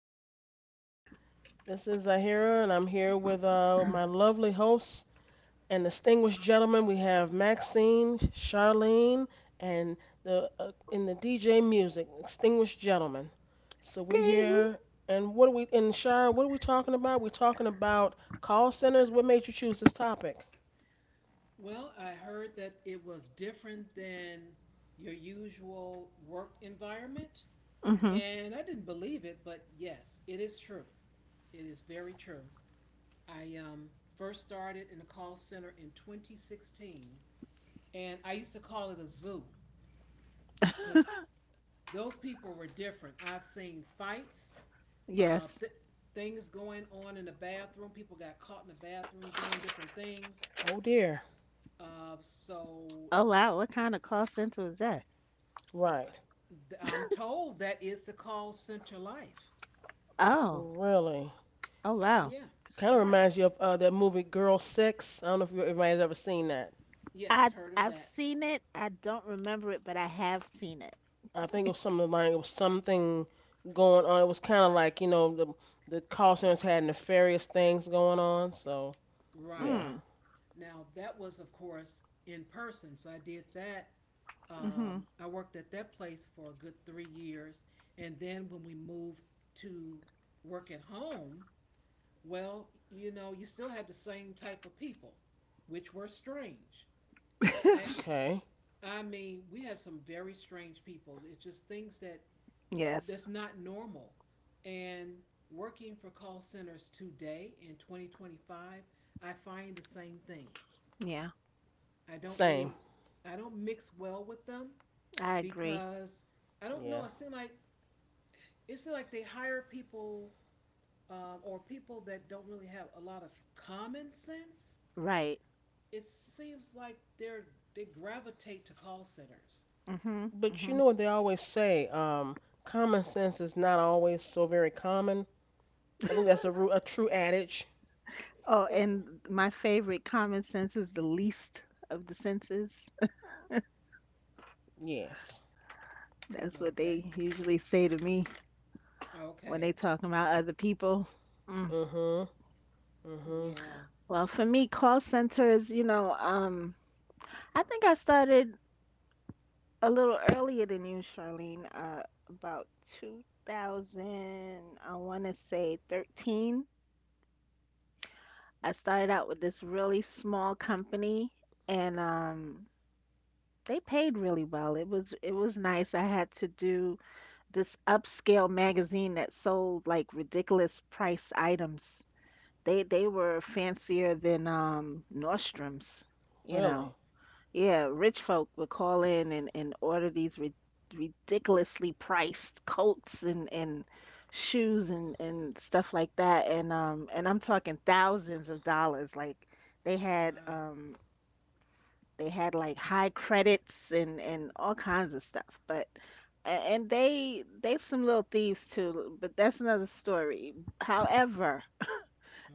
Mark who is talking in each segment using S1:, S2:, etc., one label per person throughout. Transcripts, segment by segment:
S1: evening.
S2: This is Zahira, and I'm here with my lovely hosts and distinguished gentlemen. We have Maxine, Charlene, and the in the DJ music, distinguished gentlemen. So we're
S1: Ding.
S2: here, and Shar, what are we talking about? We're talking about call centers. What made you choose this topic?
S3: Well, I heard that it was different than your usual work environment,
S1: Mm-hmm.
S3: and I didn't believe it, but yes, it is true. It is very true. I first started in the call center in 2016, and I used to call it a zoo because those people were different. I've seen fights, uh,
S1: Yes.
S3: th- things going on in the bathroom. People got caught in the bathroom doing different things.
S2: Oh, dear.
S3: So
S1: Oh wow, what kind of call center is that?
S2: Right.
S3: I'm told that is the call center life.
S1: Oh,
S2: Really.
S1: oh wow.
S3: Yeah,
S2: Kind of
S3: right.
S2: reminds you of that movie Girl Six. I don't know if everybody's ever seen that.
S1: I
S3: Yes, heard of
S1: I've
S3: that.
S1: seen it. I don't remember it, but I have seen it.
S2: I think it was something like it was something going on. It was kind of like the call centers had nefarious things going on. So
S3: Right.
S2: yeah,
S1: Mm.
S3: Now, that was, of course, in person. So I did that.
S1: Mm-hmm.
S3: I worked at that place for a good 3 years. And then when we moved to work at home, well, you know, you still had the same type of people, which were strange. I,
S2: okay,
S3: I mean, we had some very strange people. It's just things that
S1: Yes.
S3: that's not normal. And working for call centers today in 2025, I find the same thing.
S1: Yeah.
S3: I don't
S2: same,
S3: really, I don't mix well with them
S1: I agree.
S3: because I don't know.
S2: yeah.
S3: It seems like they hire people or people that don't really have a lot of common sense.
S1: Right.
S3: It seems like they're they gravitate to call centers.
S1: Mm-hmm.
S2: But you
S1: Mm-hmm.
S2: know what they always say? Common sense is not always so very common. I think that's a true adage.
S1: Oh, and my favorite common sense is the least of the senses.
S2: Yes.
S1: That's what
S3: Okay.
S1: they usually say to me when
S3: Okay.
S1: they talk about other people.
S2: Mhm. Mhm.
S3: Yeah.
S1: Well, for me, call centers, I think I started a little earlier than you, Charlene, about 2000, I want to say 13. I started out with this really small company and they paid really well. It was nice. I had to do this upscale magazine that sold like ridiculous price items. They were fancier than Nordstrom's, you know.
S2: Really.
S1: Yeah, rich folk would call in and order these ri ridiculously priced coats and shoes and stuff like that. And I'm talking thousands of dollars. Like they had
S3: Wow.
S1: um they had like high credits and all kinds of stuff. But and they some little thieves too, but that's another story. However,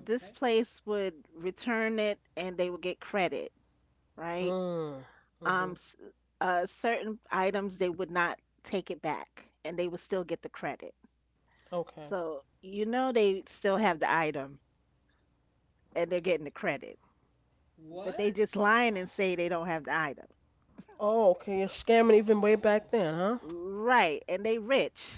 S1: this place would return it and they would get credit, right?
S2: Mm.
S1: um
S2: Mhm.
S1: s- Certain items they would not take it back and they would still get the credit,
S2: Okay.
S1: so they still have the item and they're getting the credit, but they just
S3: What?
S1: lying and say they don't have the item,
S2: Oh, okay. You're scamming even way
S3: Oh.
S2: back then, huh?
S1: right. And they rich.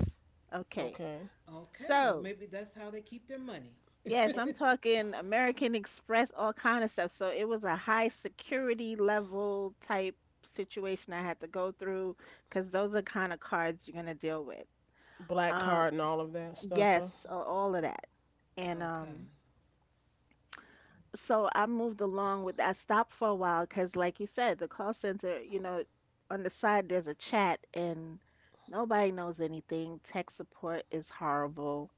S1: Okay.
S2: Okay.
S3: Okay, well,
S1: So
S3: maybe that's how they keep their money.
S1: yes,
S2: Eh,
S1: I'm talking American Express, all kind of stuff. So it was a high security level type situation I had to go through because those are kind of cards you're going to deal with,
S2: black
S1: um
S2: card and all of that stuff, huh?
S1: yes, all of that. And
S3: Okay,
S1: um, so I moved along with I stopped for a while because, like you said, the call center, on the side there's a chat and nobody knows anything. Tech support is horrible.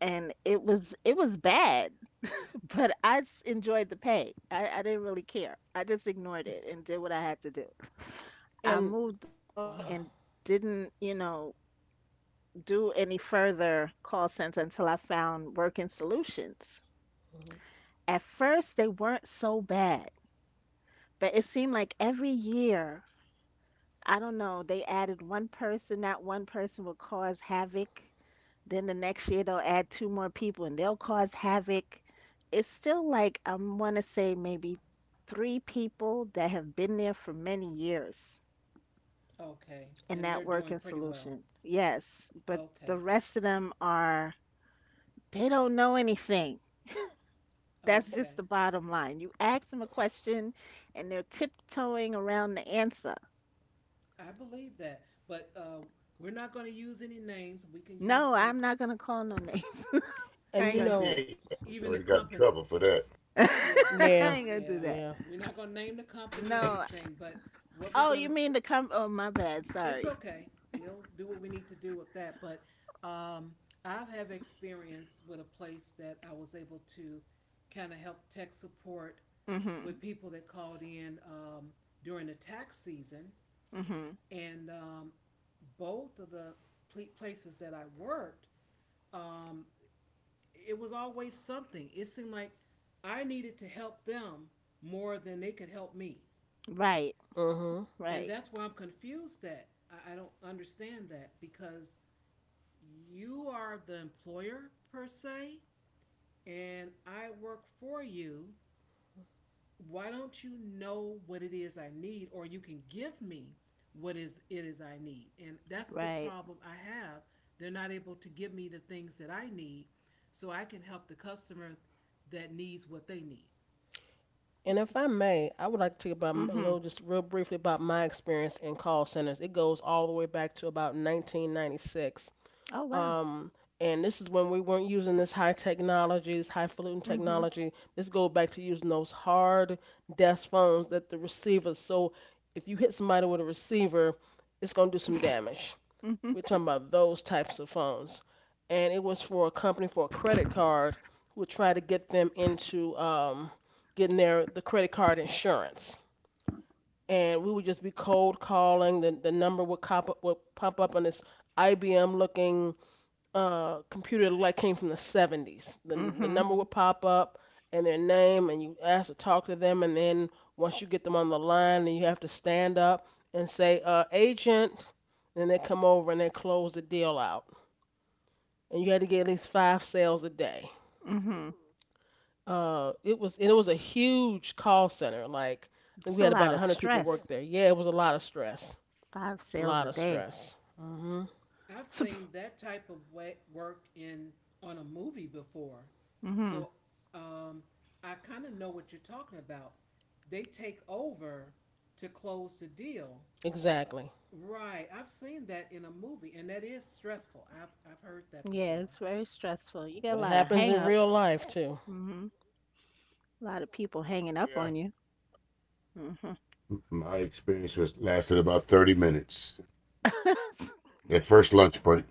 S1: And it was bad, but I enjoyed the pay. I didn't really care. I just ignored it and did what I had to do. I
S2: And
S1: moved along
S2: wow.
S1: and didn't do any further call center until I found Working Solutions.
S2: Mhm.
S1: At first, they weren't so bad. But it seemed like every year, I don't know, they added one person, that one person will cause havoc. Then the next year they'll add two more people and they'll cause havoc. It's still like I want to say maybe three people that have been there for many years
S3: okay.
S1: in
S3: And
S1: that
S3: they're doing
S1: working
S3: pretty well.
S1: solution. Yes, but the
S3: Okay,
S1: rest of them are they don't know anything. That's just
S3: okay.
S1: the bottom line. You ask them a question and they're tiptoeing around the answer.
S3: I believe that. But we're not going to use any names. We can use
S1: No,
S3: some,
S1: I'm not gonna call no names. I
S2: And
S1: ain't
S2: you
S3: well,
S1: gonna do
S2: know,
S4: Yeah, yeah.
S3: even the
S4: We already got in
S3: company.
S4: trouble for that.
S1: that.
S3: Yeah,
S1: I
S2: yeah,
S1: ain't gonna do
S3: yeah.
S1: that.
S2: yeah.
S3: We're not going to name the company or
S4: Yeah.
S1: No.
S3: anything, but what we're
S1: Oh,
S3: going
S1: you
S3: to
S1: mean to come? Oh, my bad.
S3: It's
S1: Sorry.
S3: okay. We'll do what we need to do with that, but um, I have experience with a place that I was able to kind of help tech support with
S1: Mhm.
S3: people that called in during the tax season,
S1: Mhm.
S3: and both of the places that I worked, um, it was always something. It seemed like I needed to help them more than they could help me,
S1: Right.
S2: Mhm.
S3: and
S1: Right.
S3: that's why I'm confused. I don't understand that because you are the employer per se, and I work for you. Why don't you know what it is I need, or you can give me what is it is I need? And that's the
S1: Right.
S3: problem I have. They're not able to give me the things that I need, so I can help the customer that needs what they need.
S2: And if I may, I would like to talk about a
S1: Mhm.
S2: little, just real briefly about my experience in call centers. It goes all the way back to about 1996.
S1: Oh wow.
S2: Um, and this is when we weren't using this high technology, this highfalutin
S1: Mhm.
S2: technology. This goes back to using those hard desk phones that the receivers. So if you hit somebody with a receiver, it's gonna do some damage.
S1: Mhm.
S2: We're talking about those types of phones. And it was for a company for a credit card who would try to get them into getting the credit card insurance. And we would just be cold calling. The number would pop up on this IBM looking computer like came from the 70s. The
S1: Mhm.
S2: number would pop up and their name, and you ask to talk to them, and then once you get them on the line, then you have to stand up and say agent, and they come over and they close the deal out, and you had to get at least five sales a day.
S1: Mhm.
S2: It was a huge call center. Like I think
S1: It's
S2: we
S1: a
S2: had
S1: lot
S2: about
S1: of
S2: 100 people
S1: stress.
S2: work there. Yeah, it was a lot of stress.
S1: Five
S2: A
S1: sales
S2: lot
S1: a
S2: of
S1: day.
S2: stress. Mhm.
S3: I've seen that type of work in on a movie before,
S1: Mhm.
S3: so um, I kind of know what you're talking about. They take over to close the deal,
S2: Exactly.
S3: right? I've seen that in a movie, and that is stressful. I've heard that
S1: Yeah,
S3: before.
S1: it's very stressful. You get
S2: But
S1: a
S2: it
S1: lot of
S2: happens in real
S1: hang-ups.
S2: life too.
S1: Mhm. A lot of people hanging up on you. Mhm.
S4: My experience was lasted about 30 minutes. That first lunch break.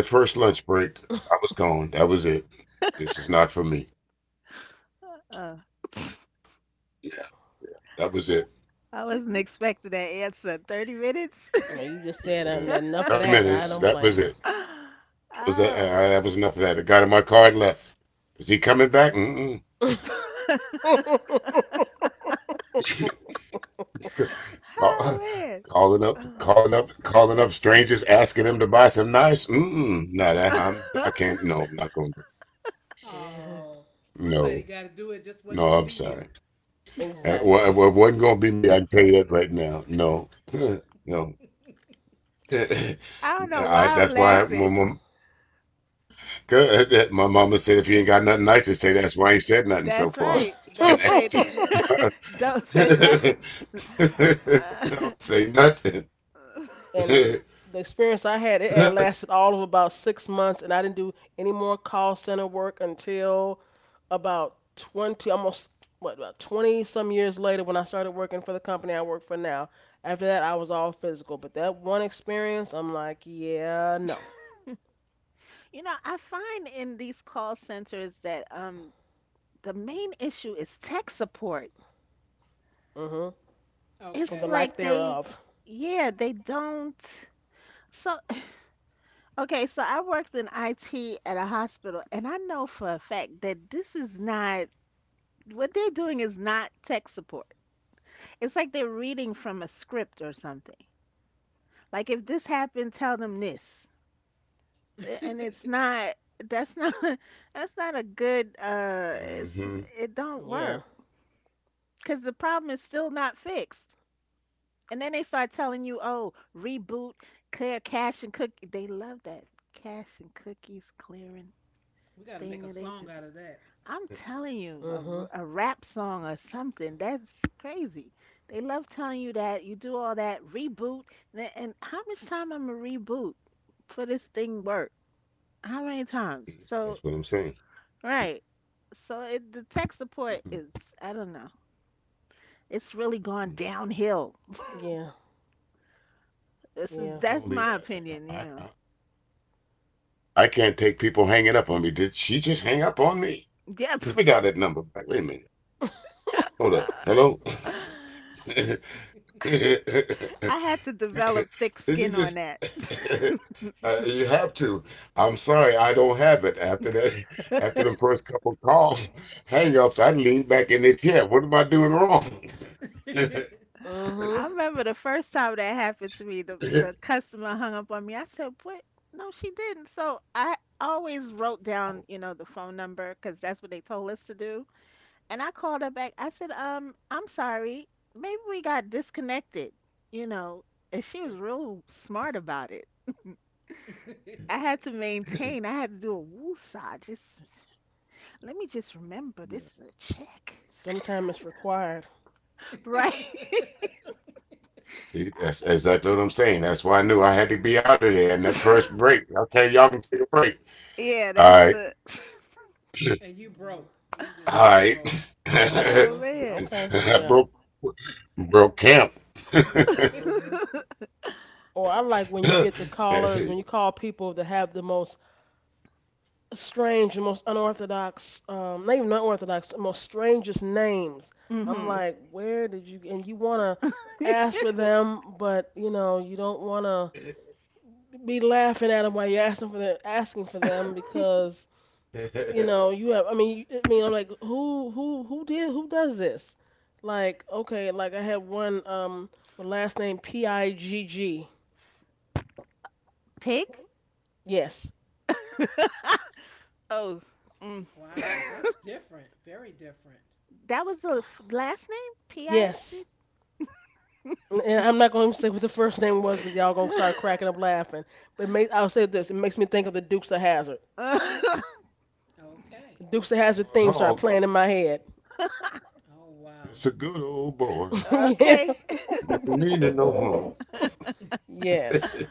S4: The first lunch break, I was gone. That was it. This is not for me.
S1: uh.
S4: Yeah. That
S3: So,
S4: was it.
S1: I
S3: you
S1: wasn't
S3: you
S1: expecting that answer. 30 minutes?
S2: Now, you just said that
S4: Yeah.
S2: enough of
S4: Thirty
S2: that. I
S4: minutes.
S2: don't
S4: That was
S2: blame you.
S4: it. That was that.
S1: Oh.
S4: That was enough of that. I got in my car and left. Is he coming back? Mm-mm.
S1: Oh,
S4: Call-
S1: man.
S4: Calling up, calling up, calling up strangers, asking them to buy some knives. Mm-mm. No, that I'm. I can't. No, I'm not going to.
S2: Hmm.
S3: oh, somebody
S4: No.
S3: got to do it. Just wasn't
S4: No,
S3: gonna
S4: I'm
S3: be you.
S4: sorry.
S2: Exactly.
S4: It wasn't going to be me. I can tell you that right now. No, no.
S1: I don't know
S4: I,
S1: why I'm
S4: that's why my,
S1: laughing.
S4: my, mom- 'Cause that my mama said, if you ain't got nothing nice to say, that's why I ain't said nothing so
S1: That's
S4: far.
S1: right.
S4: And
S1: Don't
S4: that's
S1: say
S4: just,
S1: don't say nothing. Uh,
S4: don't say nothing.
S2: And
S4: hmm
S2: the experience I had, it had lasted all of about 6 months, and I didn't do any more call center work until about 20, about 20 some years later when I started working for the company I work for now. After that, I was all physical. But that one experience, I'm like, yeah, no.
S1: I find in these call centers that the main issue is tech support.
S2: Mm-hmm. Or
S1: It's
S2: the
S3: Okay,
S2: lack
S1: like they,
S2: thereof.
S1: yeah, they don't, so, okay, so I worked in IT at a hospital, and I know for a fact that this is not what they're doing is not tech support. It's like they're reading from a script or something. Like if this happened, tell them this. And it's not that's not that's not a good it's it don't
S2: Yeah.
S1: work because the problem is still not fixed. And then they start telling you, "Oh, reboot, clear cache and cookie." They love that cache and cookies clearing
S3: we got to make
S1: thing,
S3: a
S1: and they
S3: song
S1: just
S3: out of
S1: I'm telling you,
S2: Mm-hmm.
S1: a rap song or something. That's crazy. They love telling you that. You do all that reboot. And how much time I'm a reboot for this thing work? How many times? So,
S4: That's what I'm saying.
S1: right. The tech support
S4: Mm-mm,
S1: is,
S4: mm-mm.
S1: I don't know. It's really gone
S4: Not
S1: downhill.
S2: Yeah. Yeah.
S1: That's
S4: only
S1: my
S4: that,
S1: opinion,
S4: I,
S1: you
S4: I,
S1: know.
S4: I I can't take people hanging up on me. Did she just hang up on me?
S1: Yep.
S4: Let me down that number back. Wait a minute. Hold up. Hello? Did
S1: I had to develop thick
S4: you
S1: skin on
S4: just?
S1: that.
S4: You have to. I'm sorry, I don't have it. After that, after the first couple call hang-ups, I leaned back in the chair. What am I doing wrong?
S1: I
S2: Mhm.
S1: remember the first time that happened to me, the
S4: Yeah.
S1: the customer hung up on me. I said, "What? No, she didn't." So I always wrote down, the phone number because that's what they told us to do. And I called her back. I said, I'm sorry. Maybe we got disconnected." You know, and she was real smart about it. I
S3: that.
S1: had to maintain. I had to do a woosah. Just let me just remember this is a check,
S2: Sometimes it's required.
S1: right?
S4: See, that's exactly what I'm saying. That's why I knew I had to be out of there in that first break. Okay, y'all can take a break.
S1: yeah,
S4: All
S1: that's
S4: right.
S1: it.
S3: And you broke. You just
S4: All
S3: really
S4: right.
S3: broke.
S1: Oh
S2: Mhm.
S1: man.
S2: Okay.
S4: I
S2: Yeah.
S4: broke camp.
S2: Mhm. Or I like when you get the callers when you call people that have the most strange, the most unorthodox, not even unorthodox, the most strangest names. I'm
S1: Hmm.
S2: like, where did you? And you wanna ask for them, but you know you don't wanna be laughing at them while you're asking for them because you know, you have. I mean, I mean, I'm like, who does this? Like, okay, like I had one with last name Pigg.
S1: Pig?
S2: Yes,
S1: Oh, mm.
S3: Wow, that's different. Very different.
S1: that was the last name? PIG?
S2: yes. And I'm not going to say what the first name was because y'all gonna start cracking up laughing. But I'll say this: it makes me think of the Dukes of Hazard. The
S3: Okay.
S2: Dukes of Hazard
S4: Boss
S2: theme started
S4: Hog,
S2: playing in my head.
S3: Oh, wow.
S4: just a good old boy.
S2: Yeah.
S1: okay.
S4: Never meaning no harm.
S2: Yes,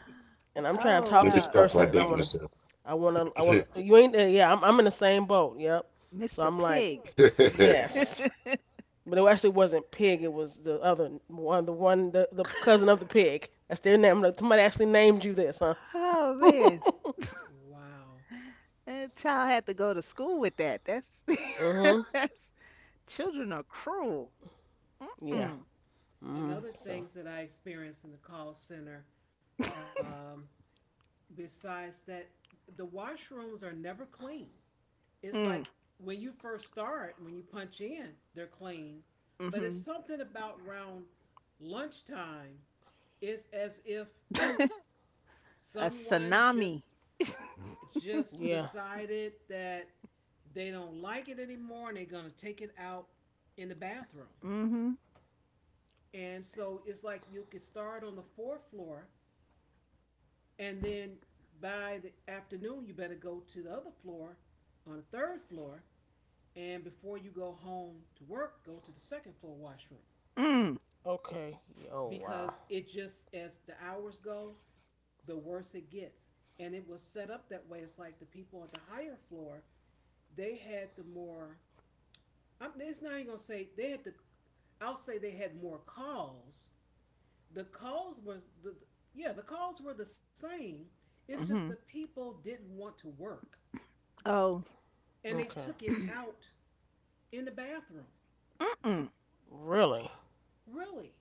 S2: and I'm trying to
S1: Oh,
S2: talk to
S4: Let me
S2: this
S1: wow.
S4: stop
S2: person,
S4: before I
S2: and I
S4: date
S2: want to,
S4: myself.
S2: I want to, I want
S4: I
S2: to. You ain't there. Yeah, I'm in the same boat. Yep. So
S1: Mr.
S2: I'm like,
S1: Pig.
S4: don't
S2: yes, but it actually wasn't pig. It was the other one, the one, the cousin of the pig. That's their name. Look, somebody actually named you this, huh?
S1: Oh, man.
S3: Wow.
S1: That child had to go to school with that. That's,
S2: Mhm.
S1: that's children are cruel.
S2: Yeah.
S1: Mm-mm.
S3: And
S2: Mhm.
S3: other
S2: So
S3: things that I experienced in the call center, um, besides that, the washrooms are never clean. It's like
S1: Mm.
S3: when you first start, when you punch in, they're clean. But it's
S1: Hmm.
S3: something about around lunchtime. It's as if
S1: A
S3: someone
S1: tsunami.
S3: just just
S2: yeah.
S3: decided that they don't like it anymore and they're going to take it out in the bathroom.
S1: Mm-hmm.
S3: And so it's like you could start on the fourth floor and then by the afternoon you better go to the other floor on the third floor and before you go home to work go to the second floor washroom
S1: Mm.
S2: Okay. Yeah, oh wow.
S3: because it just as the hours go the worse it gets, and it was set up that way. It's like the people on the higher floor they had the more I'm, it's not even gonna say they had to. I'll say they had more calls. The calls was the Yeah, the calls were the same. It's just the
S1: Mhm.
S3: people didn't want to work
S1: Oh,
S3: and they
S2: Okay.
S3: took it out in the bathroom.
S1: Mm-mm.
S2: Really?
S3: Really.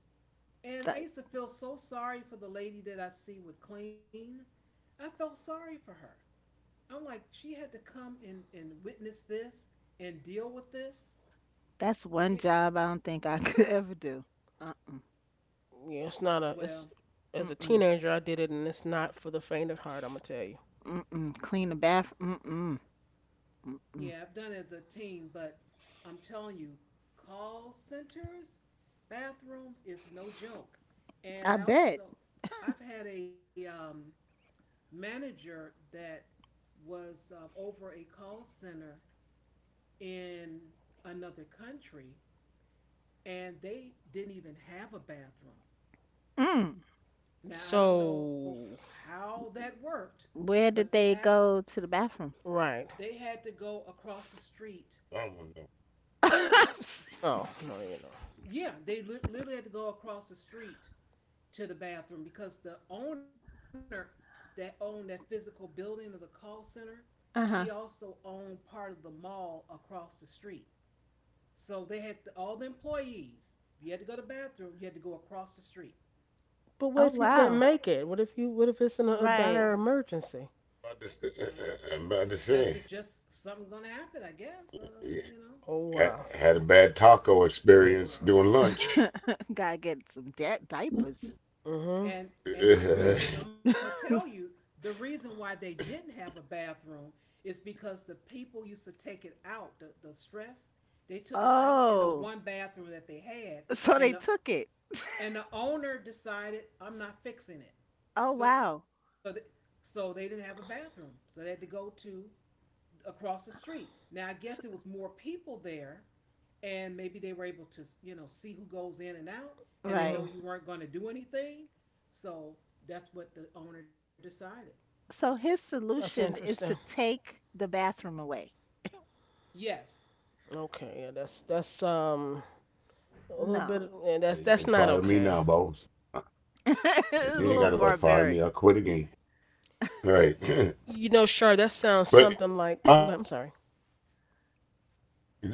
S3: And I
S1: That,
S3: used to feel so sorry for the lady that I see would clean. I felt sorry for her. I'm like, she had to come and witness this and deal with this.
S1: that's
S3: It, it-
S1: one job I don't think I could ever do. Uh-uh.
S2: Yeah. It's not a.
S3: well,
S2: It's as a
S1: Mm-mm.
S2: teenager I did it, and it's not for the faint of heart. I'm gonna tell you.
S1: Mm-mm. Clean the bathroom. Mm-mm.
S3: yeah,
S1: Mm-mm.
S3: I've done it as a teen, but I'm telling you, call centers, bathrooms is no joke. And
S1: I
S3: I
S1: bet.
S3: also, I've had a manager that was over a call center in another country, and they didn't even have a bathroom.
S1: Mm.
S3: Now I don't know
S2: So
S3: how that worked, but
S1: Where did they go to the bathroom?
S2: right.
S3: they had to go across the street.
S4: know.
S2: Oh no, you know.
S3: Yeah, they literally had to go across the street to the bathroom because the owner that owned that physical building of the call center, he also
S1: Uh-huh.
S3: owned part of the mall across the street. So they had to, all the employees. If you had to go to the bathroom, you had to go across the street.
S2: But what
S1: Oh
S2: if you can't
S1: wow.
S2: make it? What if you? What if it's in a
S1: Right.
S2: dire emergency?
S4: About to, I'm
S3: I
S4: about to
S3: guess it's
S4: say,
S3: just something gonna happen. I guess you know.
S2: Oh wow.
S4: had a bad taco experience doing lunch.
S1: Gotta get some diapers.
S2: Hmm.
S3: And and then the reason
S4: You
S3: I'm
S1: Uh-uh.
S3: gonna tell you the reason why they didn't have a bathroom is because the people used to take it out the stress, they took it out in the
S1: Oh,
S3: one bathroom that they had,
S1: so they
S3: and the
S1: took it.
S3: and the owner decided I'm not fixing it,
S1: Oh
S3: so th-
S1: wow.
S3: so they didn't have a bathroom, so they had to go to across the street. Now I guess it was more people there and maybe they were able to, you know, see who goes in and out and they know
S1: Right.
S2: Hmm.
S3: you weren't going to do anything, so that's what the owner decided.
S1: So his
S2: That's
S1: solution is to
S2: interesting.
S1: take the bathroom away.
S3: Yes.
S2: Okay, yeah, that's a little
S1: No.
S2: bit yeah,
S4: can
S2: that's
S4: fire
S2: not
S4: me now,
S2: okay.
S4: boss. Uh,
S1: It's
S4: You ain't
S1: a
S4: got to worry
S1: little
S2: Hmm.
S4: about firing me.
S1: barbaric.
S4: I'll quit again. All right.
S2: You know, sure, that sounds
S4: But
S2: something like
S4: am I?
S2: well, I'm sorry.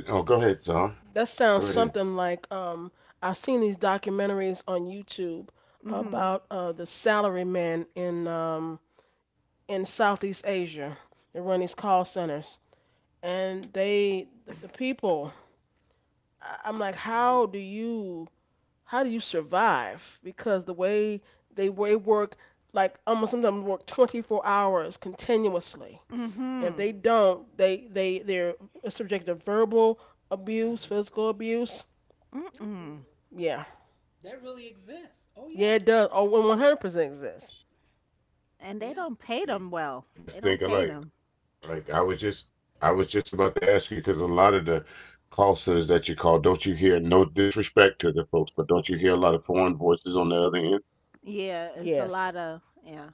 S4: Oh, go ahead, son.
S2: That
S4: Go
S2: sounds
S4: right ahead.
S2: something like I've seen these documentaries on YouTube
S1: Mm-hmm.
S2: about the salarymen in Southeast Asia. They run these call centers and the people I'm like,
S3: Mm-hmm.
S2: how do you survive? Because the way they work, like almost sometimes work 24 hours continuously. And if
S1: Mm-hmm.
S2: they don't, they're subjected to verbal abuse,
S3: Uh-huh,
S2: physical abuse.
S1: Mm-mm.
S2: Yeah,
S3: that really exists. Oh
S2: yeah, it
S3: yeah.
S2: does. Oh, 100% exists.
S1: And they
S3: Yeah,
S1: don't pay them well.
S4: Great
S1: They
S4: minds
S1: don't
S4: think
S1: pay
S4: alike.
S1: them.
S4: Like I was just about to ask you because a lot of the call centers that you call, don't you hear? No disrespect to the folks, but don't you hear a lot of foreign voices on the other end?
S1: Yeah, it's a
S2: Yes.
S1: lot of, yeah.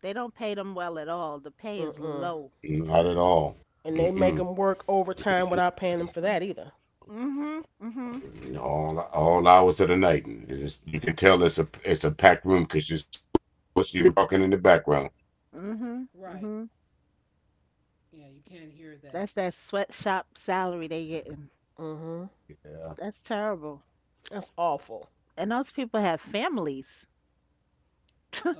S1: They don't pay them well at all. The pay is
S2: Mm-mm.
S1: low.
S4: Not at all.
S2: And they make
S4: Mm-mm.
S2: them work
S4: You
S2: overtime
S4: can,
S2: without paying them for that either.
S1: Mm-hmm. Mm-hmm.
S4: all hours of the night. And you can tell it's a packed room because it's almost you can hear them talking in the background.
S1: Mm-hmm.
S3: right.
S1: Mm-hmm.
S3: Yeah, you can't hear that.
S1: That's that sweatshop salary they getting.
S2: Mm hmm
S4: Yeah,
S1: That's terrible.
S2: That's awful.
S1: And those people have families.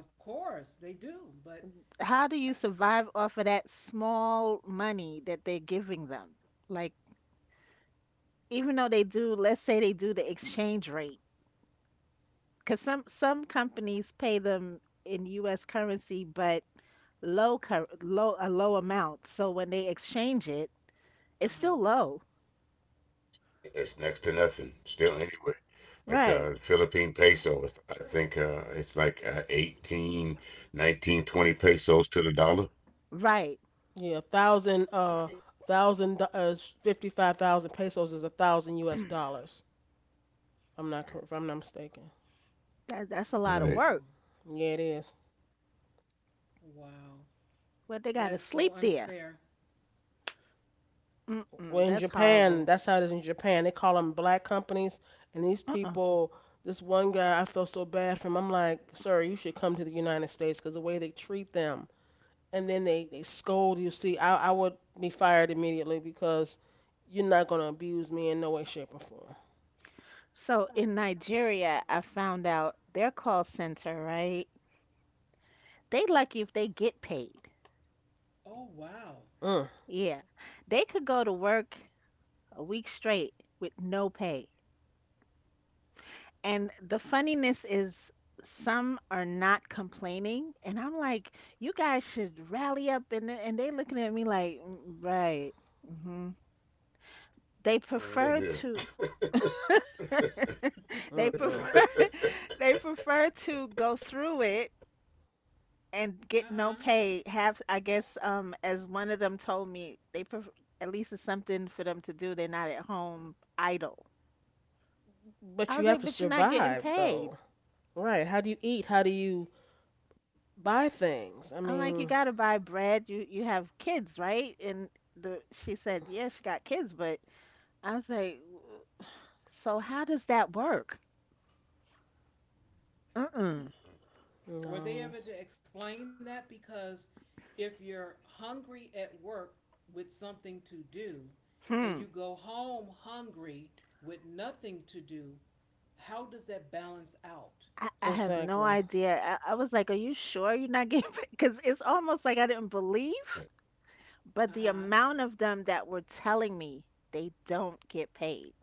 S3: Of course they do, but
S1: How do you
S3: uh,
S1: survive off of that small money that they're giving them? Like, even though they do, let's say they do the exchange rate, because some companies pay them in U.S. currency, but low cur low a low amount. So when they exchange it, it's still
S3: uh-huh.
S1: low.
S4: it's next to nothing. Still, anyway, like
S1: Right,
S4: Philippine peso, I think it's like 18, 19, 20 pesos to the dollar.
S1: right.
S2: Yeah, a thousand thousand 55,000 pesos is a thousand U.S. dollars. I'm not if I'm not mistaken.
S1: That's a lot of
S4: All right.
S1: work.
S3: Oh,
S2: Yeah, it is.
S3: wow, that
S1: But
S3: is
S1: they gotta
S3: so
S1: sleep
S3: unfair.
S1: there. Mm-mm,
S2: Well,
S3: You,
S2: in
S1: that's
S2: Japan,
S1: horrible.
S2: that's how it is in Japan. They call them black companies, and these
S1: Uh-uh.
S2: people. This one guy, I felt so bad for him. I'm like, sir, you should come to the United States because the way they treat them, and then they scold you. See, I would be fired immediately because you're not gonna abuse me in no way, shape, or form.
S1: So in Nigeria, I found out their call center, right? They lucky if they get paid.
S3: oh wow.
S1: Yeah. They could go to work a week straight with no pay. And the funniness is some are not complaining and I'm like, you guys should rally up, and and they looking at me like, "Mm, right. Hmm. They
S4: You
S1: prefer
S4: don't live
S1: to
S4: here.
S2: Mm, mm,
S1: they
S2: mm.
S1: prefer they prefer to go through it and get
S3: Uh-huh.
S1: no pay. Have, I guess, as one of them told me, they at least it's something for them to do, they're not at home idle. I
S2: But you
S1: was
S2: have
S1: like,
S2: to
S1: but you're not getting
S2: survive
S1: paid.
S2: though, right? How do you eat? How do you buy things? I
S1: I'm like, you
S2: mean,
S1: gotta buy bread, you have kids, right? And the she said, yeah, she got kids, but I was like, "So how does that work? Mm-mm.
S2: no,
S3: Were they
S2: that's
S3: ever to explain that? Because if you're hungry at work with something to do and
S1: Hmm.
S3: you go home hungry with nothing to do, how does that balance out?
S1: I have no
S2: exactly.
S1: idea. I was like, are you sure you're not getting paid? Because it's almost like I didn't believe. But
S3: Uh
S1: the
S3: huh.
S1: amount of them that were telling me they don't get paid.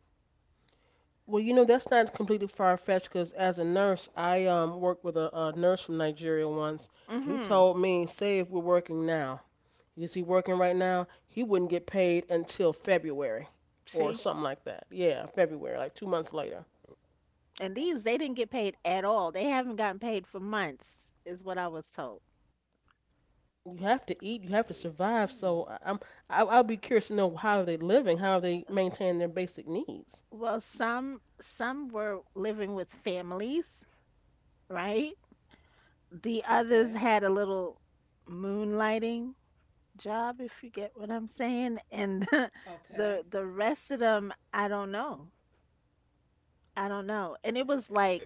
S2: Well, you know, that's not completely far-fetched because as a nurse, I worked with a nurse from Nigeria once. He
S1: Mhm.
S2: told me, say if we're working now, is he working right now? He wouldn't get paid until February or
S1: See?
S2: something like that. Yeah, February, like 2 months later.
S1: And these they didn't get paid at all. They haven't gotten paid for months, is what I was told.
S2: You have to eat, you have to survive. So I'll be curious to know how are they living, how are they maintaining their basic needs.
S1: Well, some were living with families, right? The
S3: Okay.
S1: others had a little moonlighting job, if you get what I'm saying. And
S3: Okay.
S1: the rest of them, I don't know. I don't know. And it was like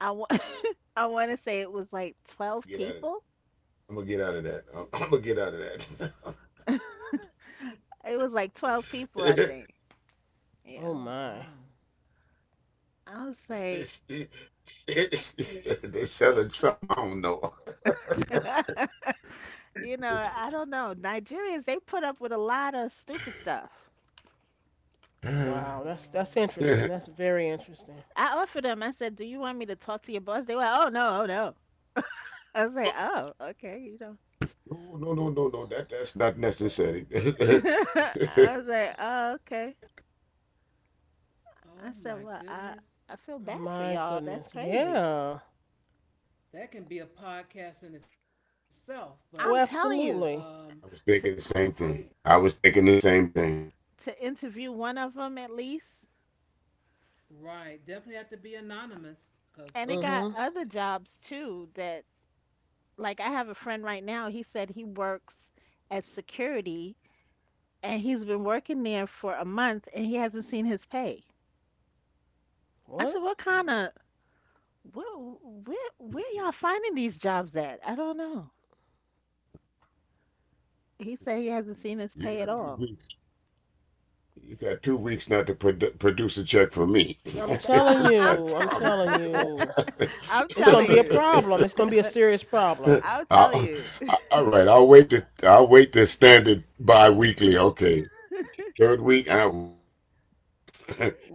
S1: I wa- I want to say it was like 12
S4: Get out of that.
S1: people
S4: I'm gonna get out of that. I'm gonna get out of
S1: it was like 12 people, I think. Yeah.
S2: Oh
S3: Oh,
S2: my,
S3: wow.
S1: I was like,
S4: that. They selling something I don't know.
S1: I don't know. Nigerians, they put up with a lot of stupid stuff.
S2: wow. Mm. That's
S3: Oh,
S2: interesting. That's very interesting.
S1: I offered them, I said, do you want me to talk to your boss? They were, oh, no, oh, no. I was like, oh, okay.
S4: No, no, no, no, no. That's not necessary.
S1: I was like, oh, okay.
S3: oh my
S1: I said, well,
S3: goodness.
S1: I feel bad for
S2: My
S1: y'all. That's
S2: goodness,
S1: crazy.
S2: yeah.
S3: That can be a podcast in itself, but,
S2: Oh,
S1: I'm telling
S3: um,
S1: you,
S2: absolutely.
S4: I was
S1: to,
S4: thinking the same thing. I was thinking the same thing.
S1: to interview one of them at least.
S3: right. Definitely have to be anonymous because,
S1: And it got
S2: Hmm.
S3: yeah.
S1: other jobs too that, like, I have a friend right now, he said he works as security and he's been working there for a month and he hasn't seen his pay. I
S2: What?
S1: said, "What kind of, where where y'all finding these jobs at?" I don't know. He
S3: Oh
S1: said
S3: my.
S1: he hasn't seen his
S4: You
S1: pay at
S4: got two
S1: all.
S4: weeks. You got 2 weeks not to produce a check for me.
S2: I'm telling
S4: We
S1: I'm
S4: got
S2: you. I'm
S4: problems
S2: telling
S4: after
S1: t-
S2: you.
S1: I'm
S2: It's gonna
S1: telling
S2: be a
S1: you.
S2: problem. It's gonna
S4: that.
S2: be a serious problem.
S1: I'm telling
S4: I'll-
S1: you.
S4: all right, I'll wait. The I'll wait the standard bi-weekly. Okay, third week. Mm-mm.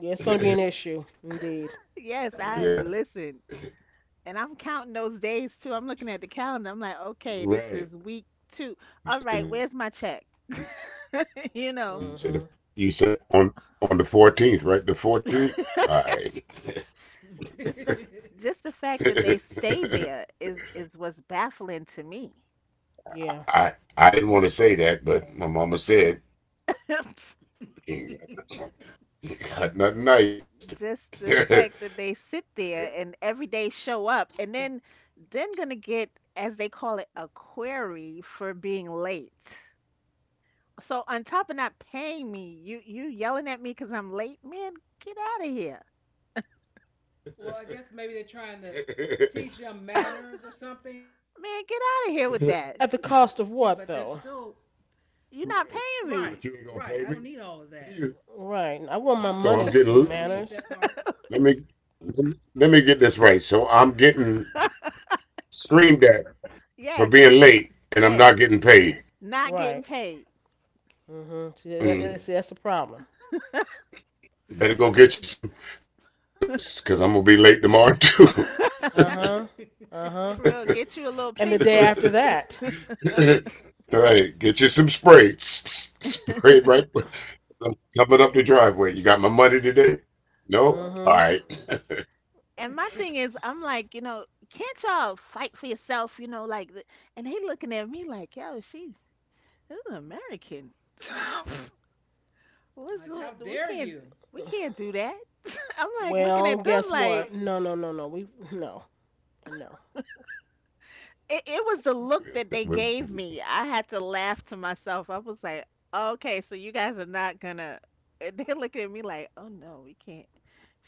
S2: Yeah, it's gonna be an issue, indeed.
S1: Yes,
S3: Right.
S1: I
S4: Yeah,
S1: listen. And I'm counting those days too. I'm looking at the calendar. I'm like, "Okay, this
S4: right.
S1: is week 2.
S4: You
S1: All
S4: said
S1: right,
S4: it.
S1: where's my check?"
S4: You,
S1: you know.
S4: you said it.
S2: Hmm.
S4: You said on the 14th, right? The 14th. All right.
S1: Just the f- just the fact that they stay
S4: I
S1: there is what's baffling to me.
S2: Yeah.
S4: I didn't want to say that, but my mama said. You got nothing nice.
S1: Just the
S4: Right.
S1: fact that they sit there and every day show up and then gonna get, as they call it, a query for being late. So on top of not paying me, you yelling at me because I'm late? Man, get out of here.
S3: Well, I guess maybe they're trying to teach them
S1: Man,
S3: manners or something, but that's
S1: get
S3: still
S1: out of here with that.
S2: At the cost of what,
S3: right.
S2: though?
S3: Right. I don't need all
S1: You're
S3: of
S1: not
S3: that.
S1: paying
S4: What,
S1: me.
S4: you ain't gonna pay me?
S3: I'm
S4: You.
S3: an adult.
S2: Right. I
S3: I don't
S2: want my
S3: need
S4: So
S3: that
S4: I'm
S2: money,
S3: part.
S4: getting
S2: manners.
S4: Let me get this right. So I'm getting screamed at for
S1: Yes.
S4: being late and I'm
S1: Yes,
S4: not getting paid.
S1: not getting
S2: Right.
S1: paid.
S2: Hmm. See,
S4: Mm.
S2: see, that's the problem.
S4: Better go
S3: Yeah.
S4: get you some throat lozenges because I'm gonna be late tomorrow too.
S2: Uh huh.
S3: D-
S2: Uh huh.
S1: For real, get you a little
S2: And the
S1: pink
S2: day
S1: slip.
S2: after that.
S4: Right. Get you some spray. Spray it right. Dump it up the driveway. You got my money today? No? All
S2: Hmm.
S4: right.
S1: And my thing is, I'm like, can't y'all fight for yourself? You know, like, and they looking at me like, yo, she's this is American. What's
S3: like, how
S1: what- we
S3: dare
S1: can't
S3: you?
S1: we can't do that. I'm like looking
S2: Well,
S1: at them
S2: guess
S1: like
S2: what? No, no, no, no. We no and no.
S1: it was the look
S4: Real-
S1: that they
S4: real-
S1: gave
S4: real-
S1: me. I had to laugh to myself. I was like, okay, so you guys are not gonna. And they're looking at me like, oh no, we can't.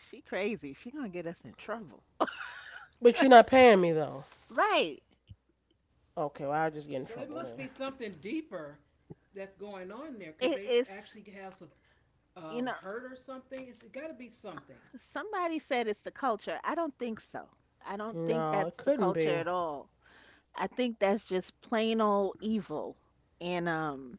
S1: She crazy. She gonna get us in trouble.
S2: But you're not paying me though.
S1: Right.
S2: Okay, well
S3: So it
S2: I'll just
S3: must
S2: get
S3: be
S2: in trouble
S3: something
S2: then.
S3: deeper that's going on there. Could they actually have
S1: it's
S3: some
S1: you know.
S3: hurt or something? It's got to be something.
S1: Somebody said it's the culture. I don't think so. I don't think
S2: No,
S1: that's
S2: it
S1: the
S2: couldn't
S1: culture
S2: be.
S1: at all. I think that's just plain old evil, and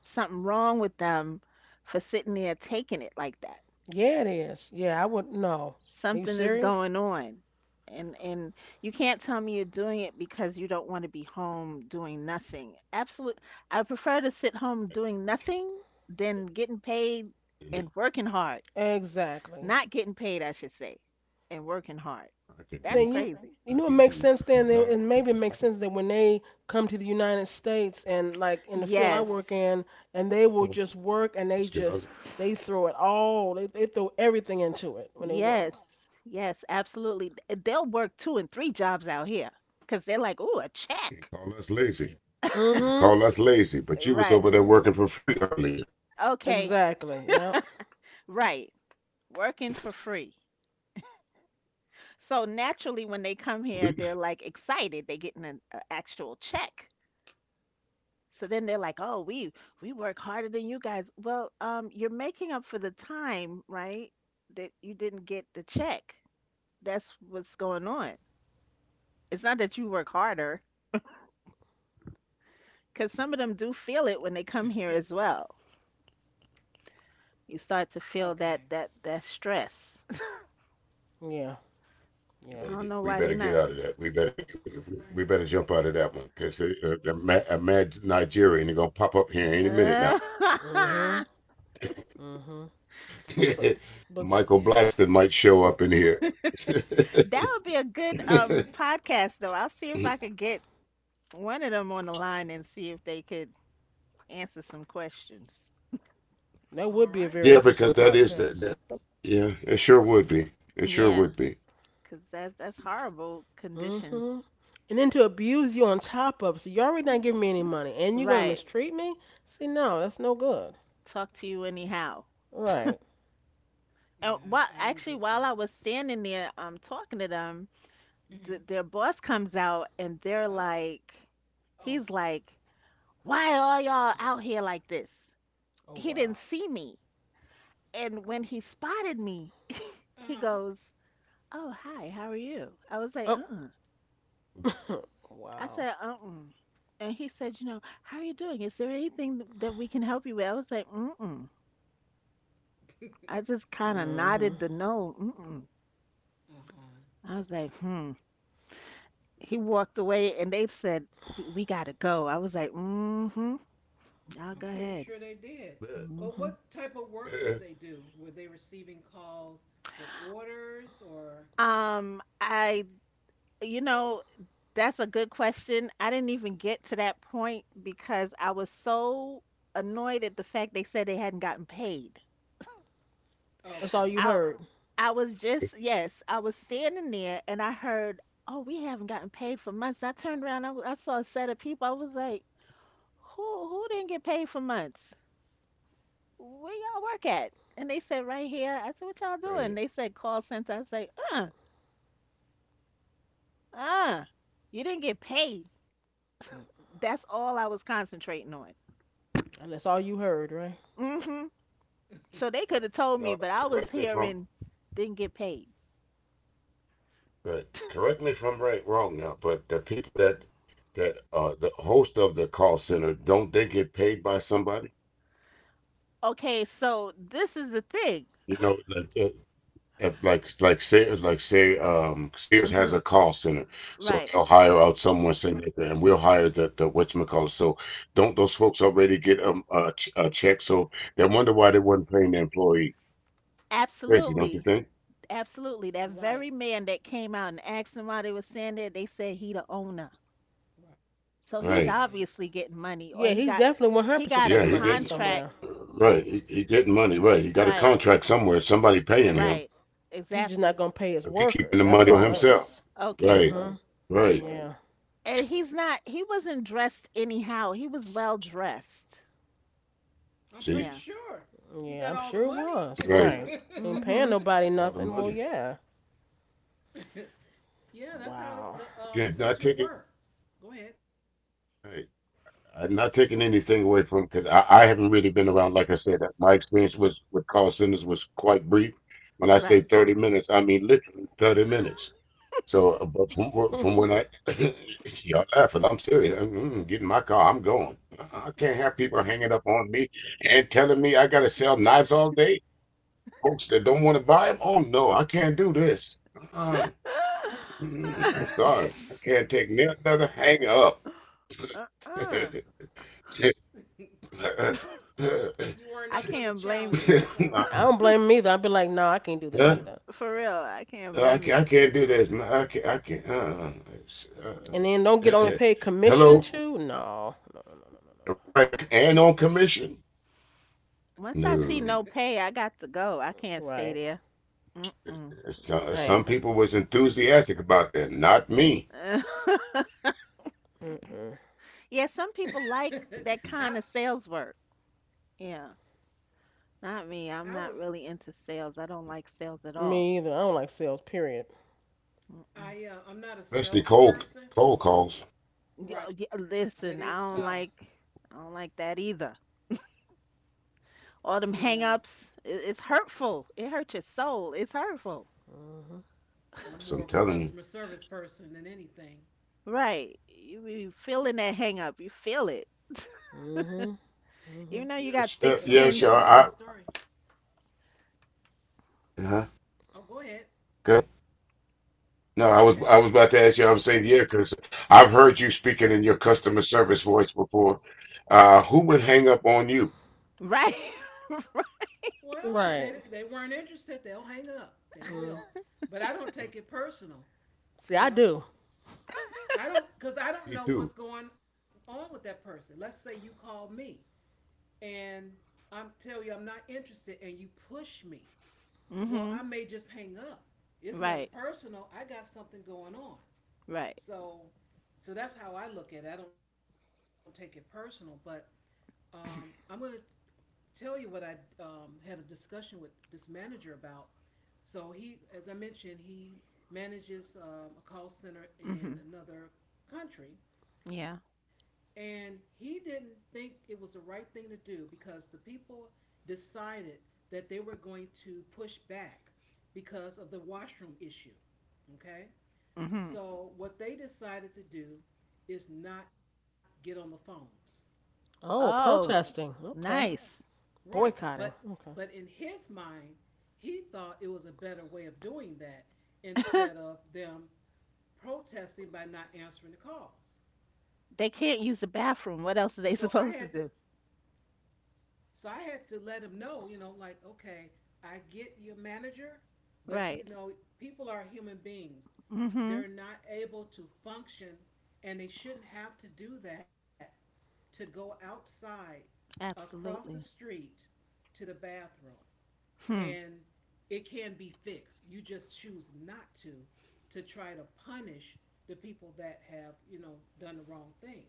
S1: something wrong with them for sitting there taking it like that.
S2: Yeah, it is. Yeah, I would. No. Are you
S1: Something is
S2: serious?
S1: going on. And you can't tell me you're doing it because you don't want to be home doing nothing. Absolute. I prefer to sit home doing
S4: I
S1: nothing than getting paid
S4: can do
S1: and working hard.
S2: Exactly.
S1: Not getting paid, I should say, and working hard. That's
S2: Then you
S1: crazy.
S2: you know it
S4: I can
S2: makes
S4: do
S2: sense then, and
S4: nothing at
S2: maybe it makes
S4: home.
S2: sense that when they come to the United States and like in the field I work
S1: Yes.
S2: in
S4: Uh
S2: and they
S4: oh.
S2: will just work and
S4: Let's get out of it.
S2: they throw it all they throw everything into it when they work.
S1: Yes. Yes, absolutely. They'll work two and three jobs out here because they're like, ooh, a
S4: And
S1: check.
S4: call us lazy. And
S2: Mhm.
S4: call us lazy. But you was
S1: Right.
S4: over there working for free earlier.
S1: Okay.
S2: Exactly. Yep.
S1: Right. Working for free. So naturally, when they come here, they're like excited. They're getting an a actual check. So then they're like, oh, we work harder than you guys. Well, you're making up for the time, right? That you didn't get the check. That's what's going on. It's not that you work harder, because some of them do feel it when they come here as well. You
S3: Okay.
S1: start to feel that that stress.
S2: Yeah. Yeah.
S1: I
S4: We
S1: don't
S4: better
S1: know
S4: get
S1: why
S4: we
S1: they
S4: better
S1: not.
S4: get out of that. We better jump out of that one because a mad Nigerian is gonna pop up here any minute
S1: Uh,
S4: now.
S2: Mhm. Mhm. But
S3: Yeah.
S2: but
S4: Michael Blackston might show up in here.
S1: that would be a good podcast though. I'll see if I could get one of them on the line and see if they could answer some questions.
S3: All
S2: that
S3: right.
S2: would be a very
S4: Yeah,
S2: interesting
S4: because that is that.
S2: podcast.
S4: The Yeah, it sure would be. It sure
S1: Yeah,
S4: would be.
S1: because that's horrible
S2: Hmm.
S1: conditions.
S2: And then to abuse you on top of it. So you're already not giving me any money and you're gonna
S1: Right.
S2: mistreat me? See, no, that's no good.
S1: Talk to you anyhow.
S2: Right.
S3: Yeah.
S1: And
S3: I
S1: while
S3: don't get
S1: actually
S3: that.
S1: while I was standing there talking to them,
S3: Mm-hmm.
S1: their boss comes out and they're
S3: Uh oh.
S1: like, he's like, why are y'all out here like this?
S2: Oh
S1: He
S2: wow.
S1: didn't see me. And when he spotted me,
S3: Uh
S1: he
S3: huh.
S1: goes, oh, hi, how are you? I was
S2: Oh
S1: like, uh-uh. I
S2: wow.
S1: said, uh-uh. And he said, you know, how are you doing? Is there anything that we can help you with? I was like, mm-mm. I just kind of
S2: Hmm.
S1: nodded the no, mm-mm.
S3: Uh huh.
S1: I was like, hmm. He walked away and they said, we gotta go. I was like, mm-hmm.
S3: I'm
S1: Y'all go
S3: pretty sure
S1: ahead.
S3: they did. But
S1: hmm
S3: what type of work did they
S4: Uh,
S3: do? Were they receiving calls for orders or.
S1: Um, I, you know, that's a good question. I didn't even get to that point because I was so annoyed at the fact they said they hadn't gotten paid.
S2: That's all you
S3: Okay.
S1: I,
S2: heard.
S1: I was just, yes, I was standing there and I heard, oh, we haven't gotten paid for months. I turned around, I saw a set of people. I was like, who didn't get paid for months? Where y'all work at? And they said, right here. I said, what y'all doing?
S4: Crazy.
S1: They said, call center. I was like, uh, you didn't get paid.
S2: Mm.
S1: That's all I was concentrating on.
S2: And that's all you heard, right?
S1: hmm So they
S4: Uh,
S1: could have told me,
S4: Now,
S1: but I was
S4: correct me if I'm
S1: hearing didn't get paid.
S4: right. Correct me if I'm right, wrong now. But the people that that the host of the call center, don't they get paid by somebody?
S1: Okay, so this is the thing.
S4: You know, like if, like say Sears has a
S1: hmm
S4: call center, so
S1: Right.
S4: they'll hire out someone saying that, and we'll hire the whatchamacallit. So don't those folks already get a check? So they wonder why they wasn't paying the employee. Crazy, don't you think?
S1: Absolutely. Absolutely. That
S3: Right.
S1: very man that came out and asked them why they were saying that, they said he the owner.
S3: Right.
S1: So he's
S4: Right.
S1: obviously getting money, or
S2: Yeah, he's definitely one hundred
S1: he
S2: percent
S1: got a
S4: Yeah,
S2: getting
S4: he
S2: money from
S4: getting
S1: contract.
S2: somewhere.
S4: right. He getting money. Right. He got a
S1: Right.
S4: contract somewhere. Somebody paying him.
S1: Right.
S2: He's just not
S1: Exactly.
S2: gonna pay his
S4: He keeping the
S2: workers.
S4: money
S2: That's
S4: for
S2: all that.
S4: himself.
S1: Okay.
S4: Right.
S2: Mm-hmm.
S4: Right.
S2: Yeah.
S1: And he wasn't dressed anyhow. He was well dressed.
S3: I'm pretty
S4: See.
S1: Yeah.
S3: sure. He got all the
S2: Yeah, I'm sure it
S3: money.
S2: was.
S4: Right.
S2: Right. Ain't paying
S1: Mm-hmm.
S2: nobody
S4: All the
S2: nothing. Well
S4: money.
S2: yeah.
S3: Yeah, that's how
S2: Wow.
S3: the
S4: Yeah. Not
S3: center
S4: taking.
S3: worked. Go ahead.
S4: Right. I'm not taking anything away from because I haven't really been around. Like I said, my experience was with call centers was quite brief. When I say
S1: Right.
S4: 30 minutes, I mean literally 30 minutes. So, but from when I y'all laughing, I'm serious. Get in my car. I'm going. I can't have people hanging up on me and telling me I gotta sell knives all day. Folks that don't want to buy them. Oh no, I can't do this. uh I'm sorry. I can't take another hang up.
S1: Uh-uh.
S3: You, you weren't up for the
S1: I
S3: challenge,
S1: can't
S3: but that's
S1: blame
S3: all
S1: you.
S3: right.
S4: Nah,
S2: I don't blame him either. I'd be like, nah, I can't do this
S4: huh?
S2: either.
S1: For real, I can't
S4: I
S1: blame
S4: can't, I
S1: you.
S4: can't do this, man. I can't. I can't. Uh, uh,
S2: And then don't
S4: uh,
S2: get only
S4: uh,
S2: paid commission
S4: Hello,
S2: too. No, no, no, no, no, no.
S4: right? And on commission.
S1: Once I see
S4: No,
S1: no pay, I got to go. I
S2: No.
S1: can't stay
S2: Right.
S1: there. Mm-mm.
S4: so, some
S2: Same.
S4: people was enthusiastic about that. Not me,
S2: Mm-mm.
S1: Yeah, some
S3: I
S1: people like that kind of sales work. Yeah, not
S3: I
S1: me.
S3: was
S1: I'm not really into sales. I don't like sales at all.
S2: Me either. I don't like sales. Period.
S1: Mm-mm.
S3: I I'm not a
S4: especially cold
S3: salesperson.
S4: cold calls.
S3: Right, that is tough.
S1: Listen, I don't like that either. All them
S3: Yeah,
S1: hang-ups, it's hurtful. It hurts your soul. It's hurtful.
S2: Mhm.
S3: I'm more
S4: That's
S3: of a
S4: what I'm telling
S3: customer
S4: you.
S3: service person than anything.
S1: Right. You feeling that hang up. You feel it.
S2: Mhm.
S3: But
S1: Even
S2: Mhm.
S3: I'm
S1: though
S3: gonna
S1: you
S3: tell
S1: got
S4: Yes,
S3: you the
S1: thick
S4: yeah,
S3: story.
S4: sure.
S1: skin.
S4: I Huh.
S3: Oh, go ahead.
S4: Go ahead. No, I
S3: Okay.
S4: was I was about to ask you. I was saying yeah, because I've heard you speaking in your customer service voice before. Who would hang up on you?
S1: Right.
S3: Well, if they
S2: Right.
S3: they weren't interested, they'll hang up. They will.
S2: Mm.
S3: But I don't take it personal.
S2: See,
S3: You
S2: I
S3: know,
S2: do.
S3: I don't, because I
S4: Me
S3: don't know
S4: too.
S3: what's going on with that person. Let's say you call me and I'm tell you I'm not interested, and you push me. Well,
S1: Mhm.
S3: I may just hang up. It's nothing
S1: Right.
S3: personal. I got something going on.
S1: Right.
S3: So, so, that's how I look at it. I don't take it personal, but um, I'm going to tell you what I had a discussion with this manager about. So he, as I mentioned, he manages a call center in
S1: Mhm.
S3: another country,
S1: Yeah.
S3: and he didn't think it was the right thing to do because the people decided that they were going to push back because of the washroom issue. Okay,
S1: Mhm.
S3: so what they decided to do is not get on the phones.
S2: Oh,
S1: Oh,
S2: protesting. Okay.
S1: nice.
S3: Right. But
S2: Boycotting. Okay.
S3: but in his mind, he thought it was a better way of doing that instead of them protesting by not answering the calls.
S1: They
S3: So
S1: can't
S3: I
S1: use
S3: had
S1: the
S3: to
S1: bathroom. What else are they supposed to do?
S3: so I had to let him know, you know, like, okay, I get your manager, but you know,
S1: Right.
S3: people are human beings. They're not
S1: Mhm.
S3: able to function and they shouldn't have to do that to go outside across the
S1: Absolutely.
S3: street to the bathroom.
S1: Hmm.
S3: And it can be fixed. You just choose not to, to try to punish the people that have, you know, done the wrong thing.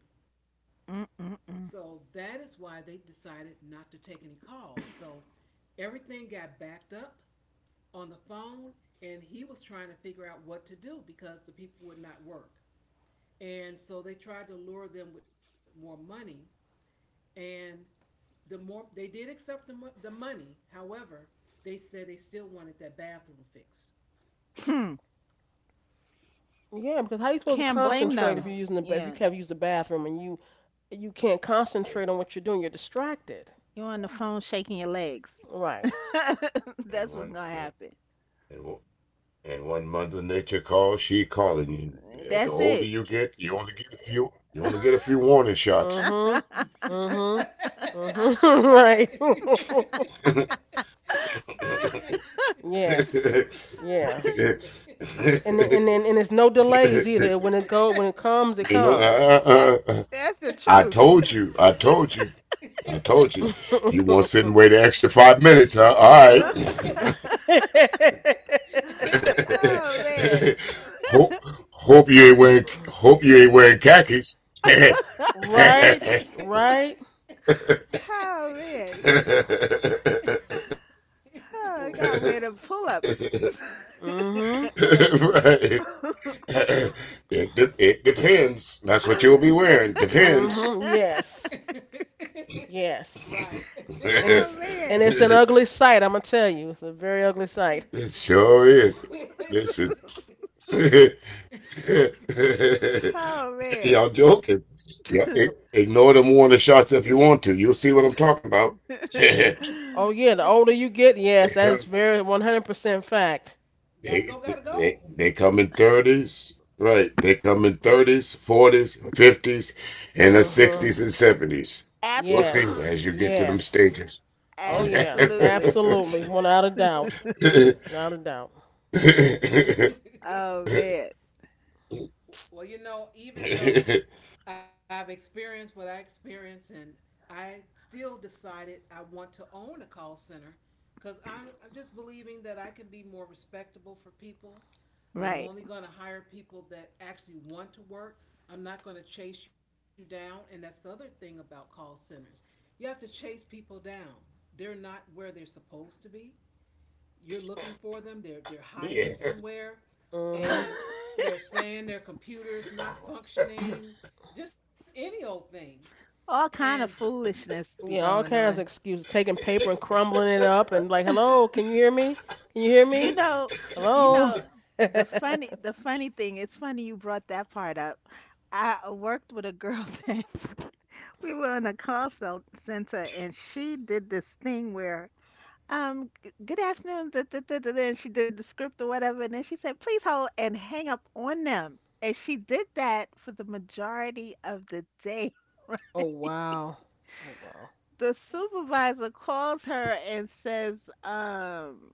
S1: Mm mm
S3: So
S1: mm.
S3: that is why they decided not to take any calls. So everything got backed up on the phone, and he was trying to figure out what to do because the people would not work. And so they tried to lure them with more money, and the more they did accept the money, however, they said they still wanted that bathroom fixed.
S1: Hmm.
S2: Yeah, because how you supposed to
S1: Can't blame
S2: concentrate if you're
S1: them.
S2: if you
S1: Yeah.
S2: can't use the bathroom and you can't concentrate
S4: And
S2: on what you're doing, you're distracted.
S1: You're on the phone shaking your legs.
S2: Right.
S4: and
S1: That's
S4: one,
S1: what's gonna
S4: one
S1: happen.
S4: and one. And one mother nature calls, she calling you. Yeah, the
S1: That's
S4: older
S1: it.
S4: you get, you only get a few. You only get a few warning shots.
S2: Mm-hmm. Mm-hmm. Mm-hmm.
S3: Right.
S2: Right. Yes.
S4: you
S2: Yeah. And then- and then and it's no delays either. When it comes, it
S4: know,
S2: comes.
S4: uh, uh, uh,
S1: That's the
S4: I
S1: truth.
S4: told you, I told you, I told you. You won't sit and wait an extra 5 minutes, huh? All
S2: No.
S4: right.
S1: Oh man.
S4: hope, Hope you ain't wearing khakis. Right.
S2: Right. Right.
S1: Oh man. Oh,
S2: Yeah.
S1: pull ups.
S2: Mhm.
S4: It depends. That's what you'll be
S1: Oh
S4: wearing. Depends.
S2: Mhm. Yes.
S3: Right.
S2: Yes. And it's
S4: It
S2: and
S1: man.
S2: it's an ugly sight, I'm gonna tell you. It's a very ugly sight.
S4: sure is. Listen,
S1: Oh man.
S4: y'all joking. Yeah, ignore them warning shots if you want to. You'll see what I'm talking about. they
S2: Oh yeah, the older you get, yes, that is
S4: come,
S2: very 100% fact.
S3: Gotta
S4: they,
S3: go, gotta go.
S4: they come in thirties, right? They come in thirties, forties, fifties, and the
S2: Mhm. 100
S4: sixties and seventies. We'll
S1: Absolutely.
S4: see as
S2: Yes.
S4: you get to them
S2: Yes.
S4: stages.
S2: Oh yeah,
S1: Absolutely.
S2: absolutely, without a doubt, without a doubt.
S1: Oh man.
S3: Well, even though I've experienced what I experienced, and I still decided I want to own a call center because I'm just believing that I can be more respectable for people. I'm
S1: Right.
S2: Mhm.
S3: only going to hire people that actually want to work. I'm not going to chase you down. And that's the other thing about call centers: you have to chase people down. They're not where they're supposed to be. You're looking for them. They're hiding
S4: Yeah.
S3: somewhere,
S2: Mhm.
S3: and they're saying their computer's not functioning. Just any old thing.
S1: All
S3: And
S1: kind of foolishness be
S2: Yeah, all
S1: going
S2: kinds of
S1: on.
S2: excuses, taking paper and crumbling it up, and like, hello, can you hear me? Can you hear
S1: You
S2: me?
S1: know, you
S2: Hello.
S1: know, the funny thing, it's funny you brought that part up. I worked with a girl that we were in a center, and she did this thing where good afternoon da, da, da, da, da," and she did the script or whatever, and then she said please hold and hang up on them, and she did that for the majority of the day.
S2: oh wow. Oh wow.
S1: The supervisor calls her and says,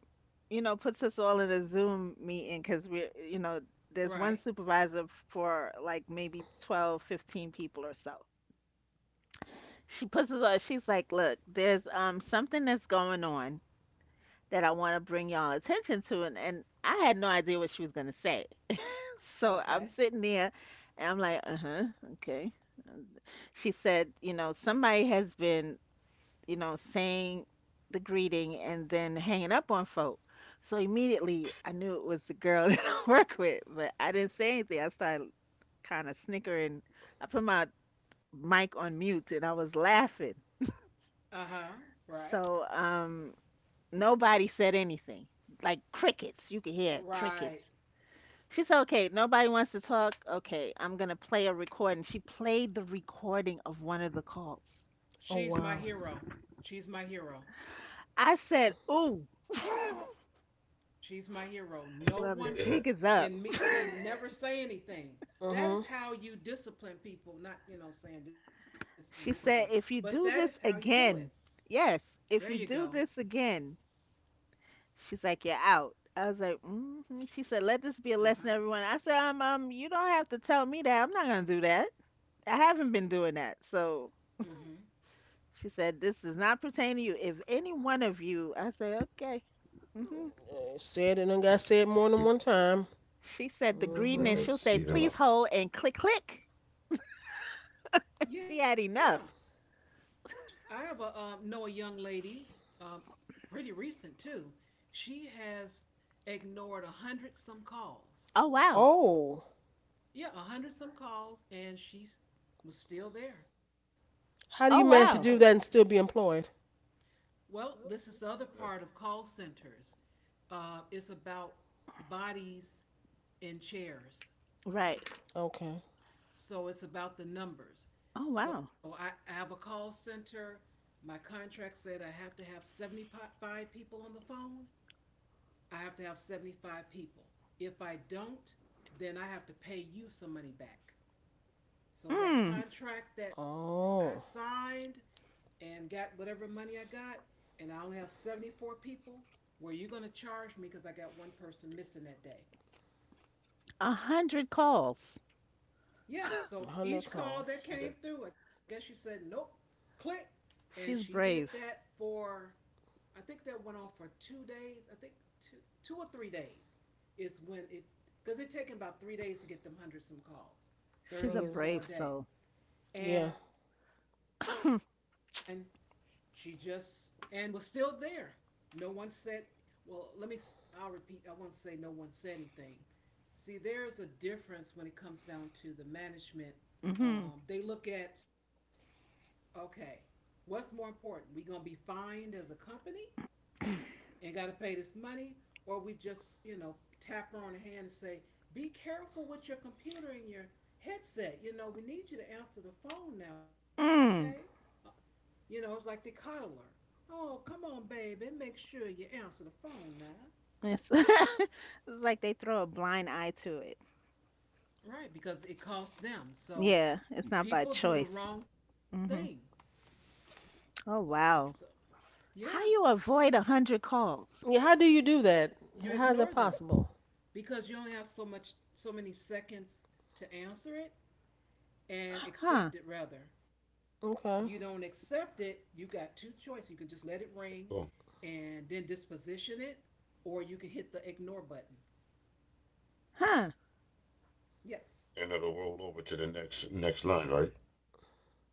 S1: you know, puts us all in a Zoom meeting because we're, you know, there's one
S3: right.
S1: supervisor for like maybe 12, 15 people or so. She puts us on. She's like, "Look, there's something that's going on that I want to bring y'all attention to," and I had no idea what she was gonna say. So
S3: Okay.
S1: I'm sitting there, and I'm like, "Uh huh, okay." She said, "You know, somebody has been, you know, saying the greeting and then hanging up on folk." So immediately I knew it was the girl that I work with, but I didn't say anything. I started kind of snickering. I put my mic on mute and I was laughing.
S3: Uh huh. Right,
S1: So, nobody said anything. Like crickets. You could hear cricket.
S3: right.
S1: She said, okay, nobody wants to talk. Okay, I'm going to play a recording. She played the recording of one of the calls.
S3: She's
S2: Oh
S3: my
S2: wow.
S3: hero. She's my hero.
S1: I said, ooh,
S3: She's my hero. No
S1: well, the
S3: one
S1: jig is up.
S3: in me. They never say anything. That is
S2: Mhm.
S3: how you discipline people. Not saying discipline, discipline,
S1: She
S3: but
S1: said,
S3: that is
S1: if you
S3: how you
S1: do
S3: do
S1: this
S3: it.
S1: again,
S3: There
S1: yes,
S3: you go.
S1: if you do this again, she's like, you're out. I was like, hmm. She said, let this be a
S3: Uh
S1: lesson,
S3: huh.
S1: everyone. I said, you don't have to tell me that. I'm not gonna do that. I haven't been doing that. So she said, this does not pertain to you. If any one of you, I said, okay. hmm
S2: Said it and got said more than one time.
S1: She said the greeting, and
S2: Mhm.
S1: she'll
S4: Right.
S1: say,
S4: See
S1: please
S4: them one.
S1: hold and click, click. She
S3: Yeah.
S1: had enough.
S3: I have a know a young lady, um, pretty recent too. She has ignored a hundred some calls.
S1: Oh, wow.
S2: Oh.
S3: Yeah, a hundred some calls, and she was still there.
S2: How do you
S1: Oh,
S2: manage to
S1: wow.
S2: do that and still be employed?
S3: Well, this is the other part of call centers. It's about bodies in chairs,
S1: Right.
S2: Okay.
S3: so it's about the numbers.
S1: Oh,
S3: So
S1: wow.
S3: I have a call center. My contract said I have to have 75 people on the phone. I have to have 75 people. If I don't, then I have to pay you some money back. So that
S1: Mm,
S3: contract that I
S2: Oh,
S3: signed and got whatever money I got, and I only have 74 people, were you going to charge me because I got one person missing that day?
S1: a hundred calls.
S3: Yeah, so
S2: 100
S3: each call
S2: calls.
S3: that
S4: Yeah.
S3: came through, I guess you said, nope, click. And she did
S1: Shave.
S3: that for, I think that went on for 2 days. I think two, 2 or 3 days is when it, because it taken about 3 days to get them hundred some calls,
S1: She's a
S3: 30 or
S2: Hmm
S3: so a
S1: brave
S3: day,
S1: soul.
S2: Yeah.
S3: and she just and was still there. No one said. Well, let me. I'll repeat. I won't say no one said anything. See, there's a difference when it comes down to the management.
S1: Mm-hmm.
S3: They look at, okay, what's more important? We gonna be fined as a company and got to pay this money, or we just, tap her on the hand and say, be careful with your computer and your headset. You know, we need you to answer the phone now, okay?
S1: Mm.
S3: You know, it's like the coddler. Oh, come on, baby, and make sure you answer the phone now.
S1: It's, it's like they throw a blind eye to it.
S3: Right, because it costs them. So
S1: Yeah, it's not by
S3: people do the
S1: choice.
S3: wrong thing.
S1: hmm Oh,
S3: So,
S1: wow.
S3: yeah,
S1: How you avoid a hundred calls?
S2: Yeah, how do you do that?
S3: you
S2: How is that
S3: ignore them
S2: possible?
S3: because you only have so many seconds to answer it. And
S1: Huh?
S3: accept it rather. You don't
S2: Okay.
S3: accept it, you got two choices. You can just let it ring
S4: Cool.
S3: and then disposition it, or you can hit the ignore button.
S1: Huh?
S3: Yes,
S4: And it'll roll over to the next line, right?
S3: correct.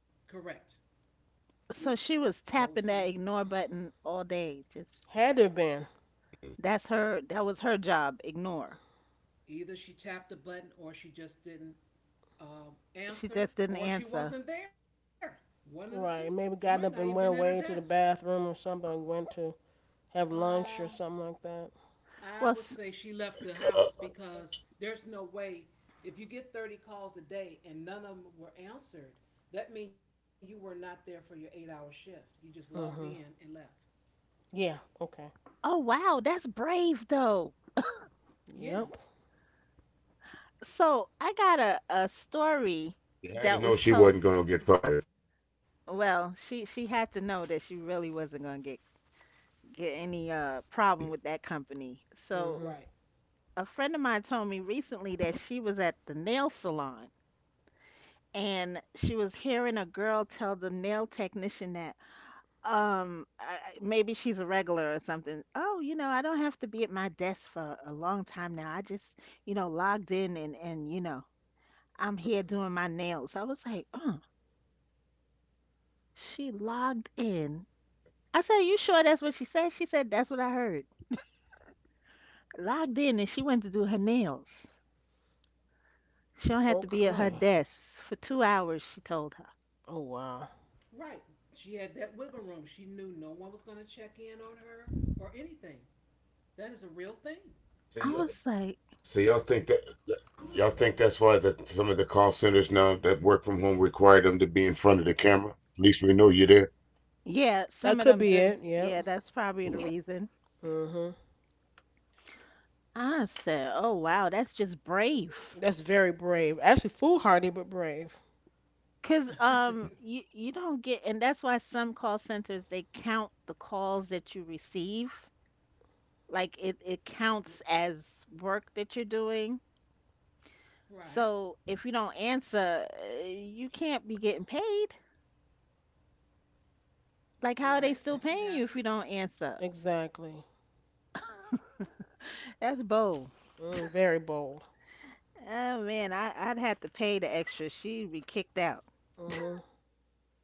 S1: So she
S3: Goes to
S1: was
S3: next.
S1: tapping that ignore button all day. Just
S2: Had to have been.
S1: that's her. That was her job. Ignore.
S3: Either she tapped the button or she just didn't
S1: She
S3: answer,
S1: just didn't
S3: or she
S1: answer.
S3: wasn't there. One of the two. She
S2: Right.
S3: might not
S2: Maybe
S3: even been
S2: got
S3: at
S2: up
S3: her
S2: and went
S3: desk.
S2: away to the bathroom or something, went to have lunch
S3: Um,
S2: or something like that.
S3: I
S1: Well,
S3: would
S1: s-
S3: say she left the
S4: Uh,
S3: house,
S4: uh,
S3: because there's no way if you get 30 calls a day and none of them were answered, that means you were not there for your 8 hour shift. You just logged in and
S2: Hmm
S3: left.
S2: Yeah. Okay.
S1: oh wow, that's brave though.
S3: Yeah,
S2: Yep.
S1: So I got a
S4: you
S1: story
S4: had to know she
S1: that was
S4: wasn't gonna
S1: told.
S4: get fired.
S1: Well, she had to know that she really wasn't gonna get any
S4: Yeah.
S1: problem with that company. So
S2: hmm
S3: right,
S1: a friend of mine told me recently that she was at the nail salon, and she was hearing a girl tell the nail technician that um I, I- maybe she's a regular or something. Oh, you know, I don't have to be at my desk for a long time now. I just, you know, logged in, and you know, I'm here doing my nails. I was like, oh, she logged in. I said, you sure that's what she said? She said that's what I heard. Logged in, and she went to do her nails. She don't have to be at her
S2: Okay.
S1: desk for 2 hours, she told her.
S2: Oh,
S3: right.
S2: wow.
S3: She had that wiggle room. She knew no one was going to check in on her or anything. That is a real thing.
S4: So y'all,
S1: I was like,
S4: so y'all think that, that Y'all think that's why that some of the call centers now that work from home require them to be in front of the camera? At least we know you're there.
S1: yeah,
S2: That
S1: some of
S2: could
S1: them
S2: be
S1: do,
S2: it. Yep.
S1: yeah, that's probably the reason.
S2: hmm
S1: I said, oh wow, that's just brave.
S2: That's very brave. Actually, foolhardy, but brave.
S1: Cause you don't get, and that's why some call centers they count the calls that you receive. Like
S3: R-
S1: it counts as work that you're doing.
S3: Right,
S1: So if you don't answer, you can't be getting paid.
S3: right.
S1: Like
S3: That
S1: how
S3: can
S1: are they
S3: happen.
S1: still paying you if you don't answer?
S2: Exactly.
S1: That's bold.
S2: Mm, very bold.
S1: Oh man, I I'd have to pay the extra. She'd be kicked out.
S2: Hmm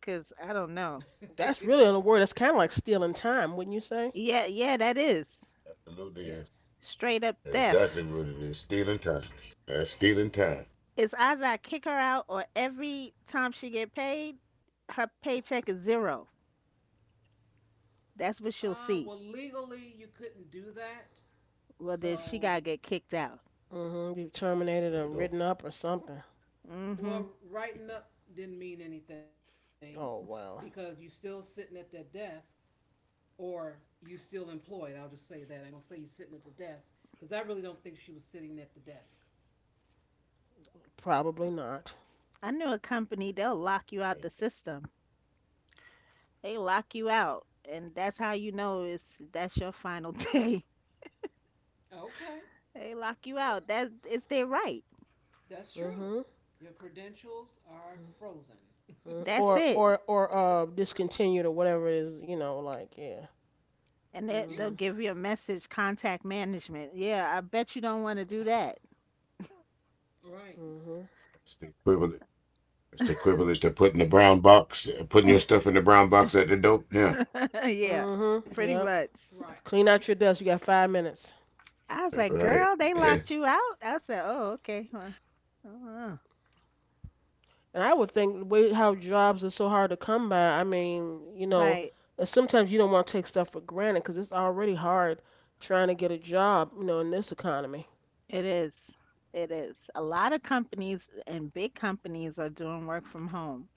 S1: Cause I don't know.
S2: That's really on a word. That's kind of like stealing time, wouldn't you say?
S1: Yeah, yeah, that is
S4: Absolutely
S3: Yes.
S4: is.
S1: straight up
S4: That's
S1: theft.
S4: exactly what it is. Stealing time. That's stealing time.
S1: It's either I kick her out or every time she get paid, her paycheck is zero. That's what she'll
S3: Well,
S1: see.
S3: legally, you couldn't do that.
S1: Well, then
S3: So,
S1: she
S3: be-
S1: gotta get kicked out.
S2: Hmm You've terminated
S4: Got
S2: or
S4: to go.
S2: written up or something.
S3: Well,
S1: Hmm
S3: writing up didn't mean anything
S2: Oh
S3: because you
S2: well,
S3: still sitting at that desk or you still employed. I'll just say that. I'm going to say you sitting at the desk because I really don't think she was sitting at the desk.
S2: probably not.
S1: I knew a company, they'll lock you out the system. They lock you out, and that's how you know it's that's your final day.
S3: Okay,
S1: They lock you out. That it's their right.
S3: that's true.
S2: Hmm
S3: Your credentials are frozen.
S2: Mm.
S1: That's
S2: Or
S1: it.
S2: or or uh discontinued or whatever it is, you know, like yeah.
S1: And
S3: Yeah,
S1: they'll
S2: Mhm.
S1: give you a message, contact management. Yeah, I bet you don't want to do that.
S3: right,
S2: Mhm.
S4: That's the equivalent. It's the equivalent to putting the brown box, putting your stuff in the brown box at the door. Yeah.
S1: Yeah,
S2: Mhm.
S1: pretty
S2: Yep.
S1: much.
S3: right,
S2: Clean out your desk. You got 5 minutes.
S1: I was like,
S4: Right.
S1: girl, they
S4: Yeah. Right.
S1: locked you out. I said, oh, okay. Well, uh-uh.
S2: And I would think the way how jobs are so hard to come by. I mean, you know,
S1: Right.
S2: and sometimes you don't want to take stuff for granted because it's already hard trying to get a job, you know, in this economy.
S1: It is. It is. A lot of companies and big companies are doing work from home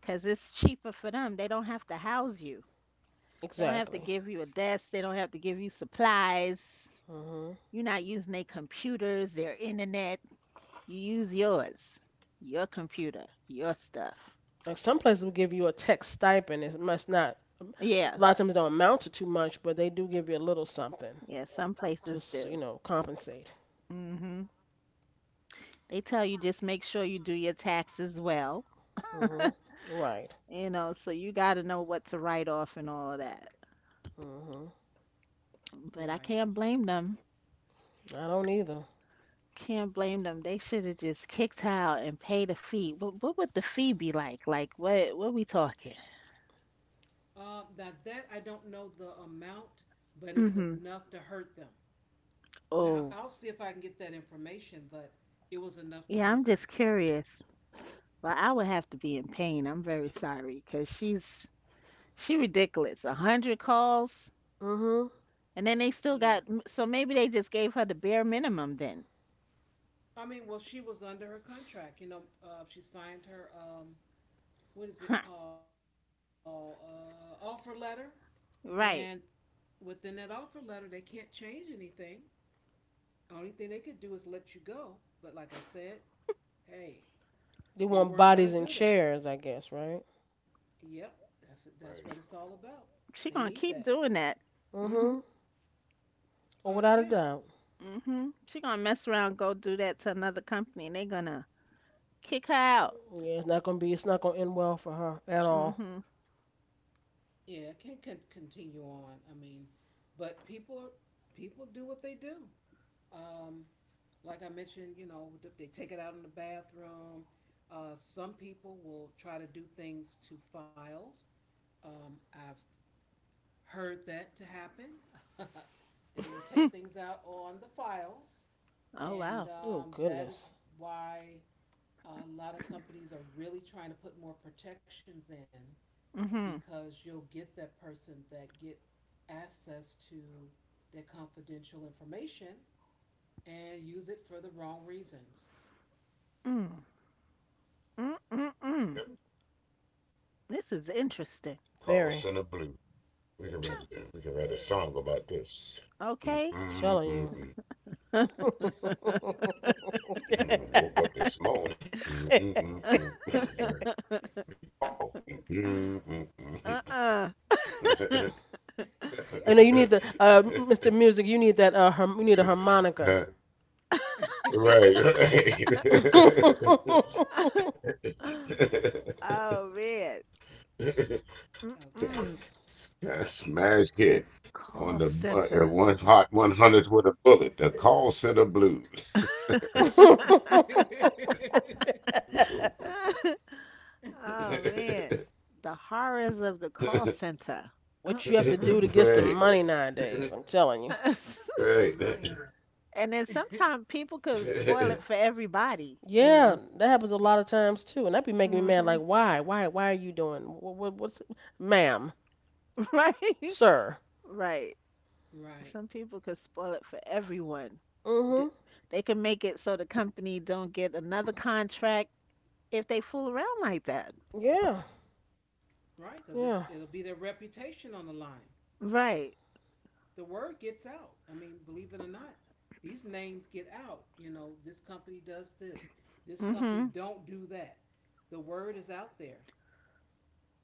S1: because it's cheaper for them. They don't have to house you. They don't have to
S2: Exactly.
S1: give you a desk. They don't have to give you supplies.
S2: Mhm.
S1: You're not using their computers, their internet. You use yours, your computer, your stuff.
S2: Like some places will give you a tech stipend. It must not. A
S1: Yeah.
S2: lot of times it don't amount to too much, but they do give you a little something
S1: Yeah. Some
S2: to,
S1: places
S2: s- you
S1: do.
S2: know, compensate.
S1: Hmm They tell you just make sure you do your taxes well,
S2: Mhm. Right.
S1: you know, so you got to know what to write off and all of that.
S2: Mhm.
S1: But I
S3: right.
S1: can't blame them.
S2: I don't either.
S1: Can't blame them. They should have just kicked out and paid a fee. What would the fee be like? Like what we talking?
S3: Now that, I don't know the amount, but it's
S1: Mhm.
S3: enough to hurt them. Now,
S1: Oh.
S3: I'll see if I can get that information, but it was enough to
S1: Yeah, I'm
S3: hurt them.
S1: just curious. Well, I would have to be in pain. I'm very sorry because she ridiculous. A hundred calls
S2: Mhm.
S1: and then they still
S3: Yeah.
S1: got so maybe they just gave her the bare minimum then.
S3: I mean, well, she was under her contract. You know, she signed her what is
S1: Huh.
S3: it called, offer letter, and
S1: Right.
S3: within that offer letter, they can't change anything. Only thing they could do is let you go. But like I said, hey,
S2: They
S3: they
S2: want
S3: weren't
S2: bodies
S3: gonna
S2: in
S3: do that.
S2: chairs, I guess, right?
S3: Yep, that's it. That's what it's
S4: Yep.
S3: all about. They
S1: She
S3: need
S1: gonna
S3: that.
S1: keep doing that. Mhm.
S2: Mhm. Or without a
S3: Yeah,
S2: doubt.
S1: Mhm. She gonna mess around, go do that to another company, and they gonna kick her out.
S2: Yeah, it's not gonna be. It's not gonna end well for her at all.
S1: Mhm.
S3: yeah. it Can't continue on. I mean, but people do what they do. Um, like I mentioned, they take it out in the bathroom. Some people will try to do things to files. I've heard that to happen. They will take things out on the files,
S1: Oh
S3: and
S1: wow.
S2: Oh
S3: that is
S2: goodness,
S3: why a lot of companies are really trying to put more protections in,
S1: Mm-hmm.
S3: because you'll get that person that get access to their confidential information and use it for the wrong reasons.
S1: Mm. Mm mm mm. This is interesting.
S4: Call
S2: very
S4: Center Blue. We can
S3: Yeah.
S4: write a song about this.
S1: Okay.
S4: I
S2: telling you.
S4: woke up this morning. Made me a call.
S1: Uh-uh.
S4: Right,
S2: I know you
S3: Yeah.
S2: need the Mr. Music. You need that. Harm You need a harmonica.
S4: right.
S1: Oh man.
S3: Okay.
S1: Mm-mm.
S4: Smash hit on
S1: Call
S4: the
S1: center.
S4: one hot 100 with a bullet. The call center blues.
S1: Oh man. The horrors of the call center.
S2: what you have to do
S1: Uh-uh.
S2: to get some
S4: Right.
S2: money nowadays? I'm telling you.
S4: Right.
S1: And then sometimes people could spoil it for everybody, you
S2: Yeah,
S1: know.
S2: that happens a lot of times too, and that be making me mad. Like,
S1: Hmm
S2: why are you doing? What's, ma'am,
S1: Right.
S2: sir?
S1: Right.
S3: Right.
S1: Some people could spoil it for everyone. d-
S2: Mm-hmm.
S1: they can make it so the company don't get another contract if they fool around like that.
S2: Yeah,
S3: Right, because it's
S2: yeah.
S3: it'll be their reputation on the line.
S1: Right.
S3: The word gets out. I mean, believe it or not, these names get out. You know, this company does this. This
S1: Mhm.
S3: company don't do that. The word is out there.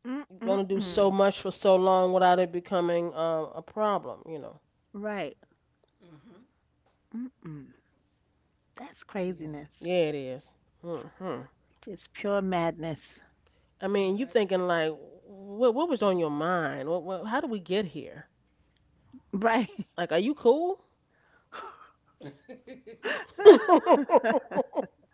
S1: Mm
S2: You are
S1: mm
S2: gonna do so
S1: mm.
S2: much for so long without it becoming a problem, you know.
S1: Right.
S3: Uh huh.
S1: Mm mm. That's
S3: Yeah,
S1: craziness.
S2: Yeah, it is. Mm-hmm.
S1: Just pure madness.
S2: I mean, you thinking
S3: but
S2: like, what was on your mind? What, how did we get here?
S1: Right.
S2: Like, are you cool?
S3: I. mhm.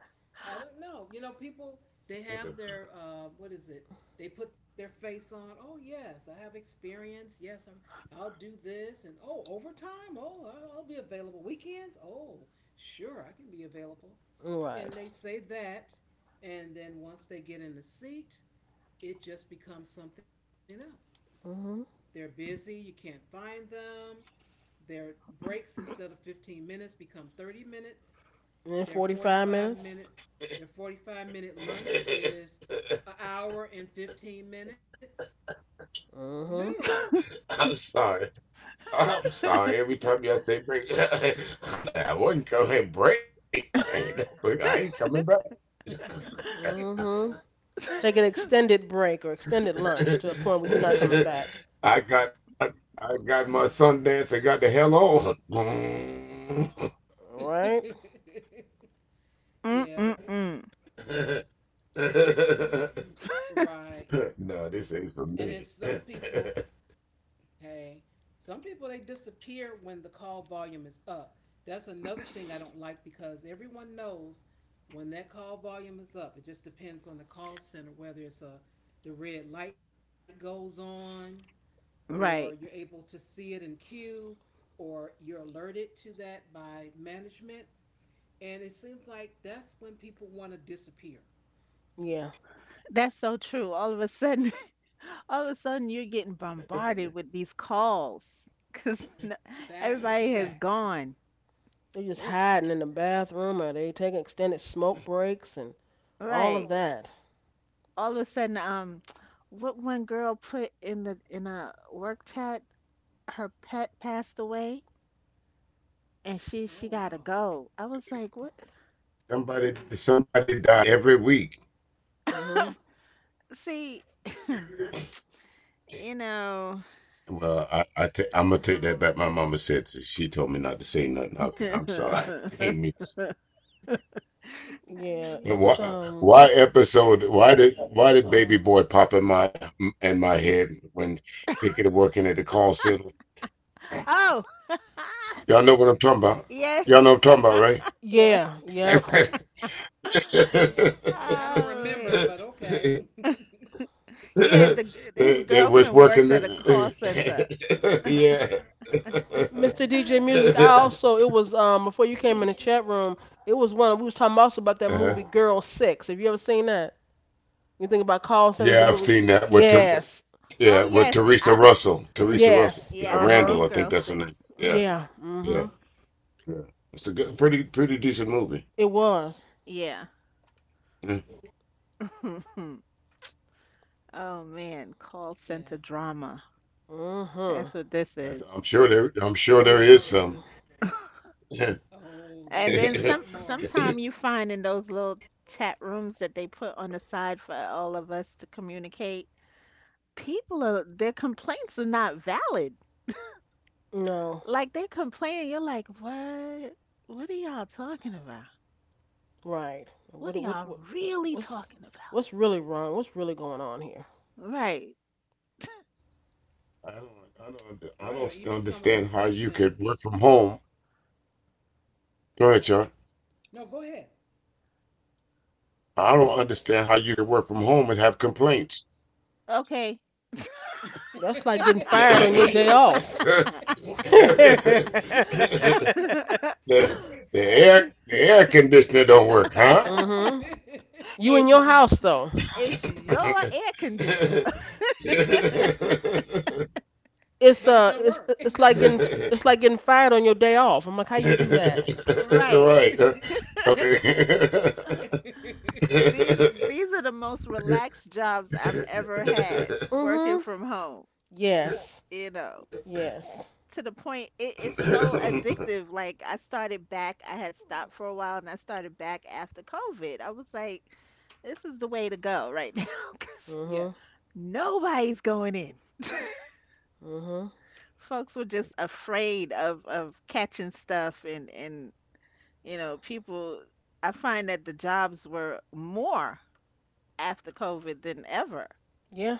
S3: I don't know. You know, people, they have their what is it? They put their face on. Oh yes, I have experience. Yes, I'll do this. And oh, overtime. Oh, I'll be available weekends. Oh, sure, I can be available.
S2: Right.
S3: And they say that, and then once they get in the seat, it just becomes something else. They're
S2: Mm-hmm.
S3: busy. You can't find them. Their breaks, instead of 15 minutes become 30 minutes.
S2: And then
S3: Their
S2: 45
S3: 45
S2: minutes.
S3: minute their 45-minute lunch is an hour and 15 minutes.
S2: Mm-hmm.
S3: Literally.
S4: I'm sorry. I'm sorry. Every time y'all say break, I'm like, I wasn't coming break. I ain't coming back.
S2: Mm-hmm. Take an extended break or extended lunch to a point where you're not coming back.
S4: I got I, I got my son dance and got the hell on.
S2: Right?
S1: Mm
S3: Yeah,
S1: mm
S3: but
S1: mm.
S3: right.
S4: No, this
S3: And
S4: ain't
S3: then
S4: for
S3: some
S4: me.
S3: people, hey, some people, they disappear when the call volume is up. That's another thing I don't like, because everyone knows when that call volume is up. It just depends on the call center whether it's a the red light goes on, or you're
S1: Right.
S3: able to see it in queue, or you're alerted to that by management. And it seems like that's when people want to disappear
S2: Yeah.
S1: That's so true. All of a sudden, all of a sudden, you're getting bombarded with these calls because
S3: back to
S1: everybody
S3: back.
S1: has gone.
S2: They just
S1: Yep.
S2: hiding in the bathroom or they taking extended smoke breaks and all of
S1: Right.
S2: that.
S1: All of a sudden, what one girl put in the in a work chat, her pet passed away, and
S3: Oh,
S1: she
S3: wow.
S1: gotta go. I was like, what?
S4: Somebody die every week.
S2: Mhm.
S1: See, you know.
S4: Well, I am gonna take that back. My mama said she told me not to say nothing. Okay, I'm sorry. I ain't mean.
S1: I
S2: Yeah,
S1: mean,
S4: But why,
S2: it's
S4: why episode? Why did baby boy pop in my head when thinking of working at the call center?
S1: oh,
S4: Y'all know what I'm talking about.
S1: yes,
S4: Y'all know what I'm talking about, right?
S1: yes.
S2: yeah, yep.
S3: I don't
S1: Oh man.
S3: remember, but okay.
S1: Yeah,
S4: that,
S1: the his
S4: that was
S1: girlfriend
S4: working.
S1: worked at a call center.
S4: Yeah.
S2: Mr.
S3: Okay.
S2: DJ Music, I also it was before you came in the chat room, it was one we was talking also about that
S4: Uh-huh.
S2: movie Girl 6. Have you ever seen that? You think about call centers
S4: Yeah,
S2: and
S4: I've
S2: movie?
S4: seen that with
S2: Yes.
S1: Oh
S4: yeah, with
S1: yes,
S4: Teresa
S1: I
S4: Russell, Teresa Russell,
S2: Yes.
S1: yeah,
S4: yeah,
S1: I've
S2: Uh-huh.
S4: Randall,
S1: seen
S4: I think
S1: Girl
S4: that's her
S1: 6.
S4: name. Yeah,
S1: Hmm
S2: Yeah.
S4: yeah,
S2: Mhm.
S4: yeah. It's a good, pretty, pretty decent movie.
S2: It was.
S1: Yeah.
S4: Yeah.
S1: Oh
S3: Yeah.
S1: man, call center drama. That's
S2: Mhm.
S1: what this is.
S4: I'm sure there is some.
S3: Oh,
S1: And
S4: I
S3: there's a
S1: then
S4: don't,
S3: lot
S1: some
S3: more.
S1: sometime you find in those little chat rooms that they put on the side for all of us to communicate, people are their complaints are not valid.
S2: No.
S1: Like they complain, you're like, "What? What are y'all talking about?
S2: Right.
S1: What
S2: What
S1: are
S2: what
S1: y'all
S2: what
S1: really
S2: what's
S1: talking about?"
S2: what's really wrong? What's really going on here?
S1: Right.
S4: I
S3: Right. Or
S4: don't,
S3: even some of the
S4: I don't
S3: questions.
S4: understand how you could work from home. Go ahead, Char.
S3: No, go ahead.
S4: I don't understand how you could work from home and have complaints.
S1: Okay.
S2: That's like getting fired on your
S4: the,
S2: day off.
S4: the the air conditioner don't work, huh?
S2: mhm. You in
S1: It's
S2: your house though.
S1: it's your
S4: Right.
S1: air conditioner.
S3: But it don't
S2: It's
S3: work.
S2: uh it's it's like getting it's like getting fired on your day off. I'm like, how you do that?
S1: Right.
S4: uh, Okay. I
S1: these these are the most relaxed jobs I've ever had working
S2: Mhm.
S1: from home,
S2: Yes.
S1: you know.
S2: Yes.
S1: To the point
S3: Yeah.
S1: it is so addictive. Like I started back, I had stopped for a while and I started back after COVID. I was like, this is the way to go right now because
S2: Mhm.
S3: Yes.
S1: nobody's going in.
S2: Mhm.
S1: Folks were just afraid of catching stuff and you know, people I find that the jobs were more after COVID than ever,
S2: Yeah.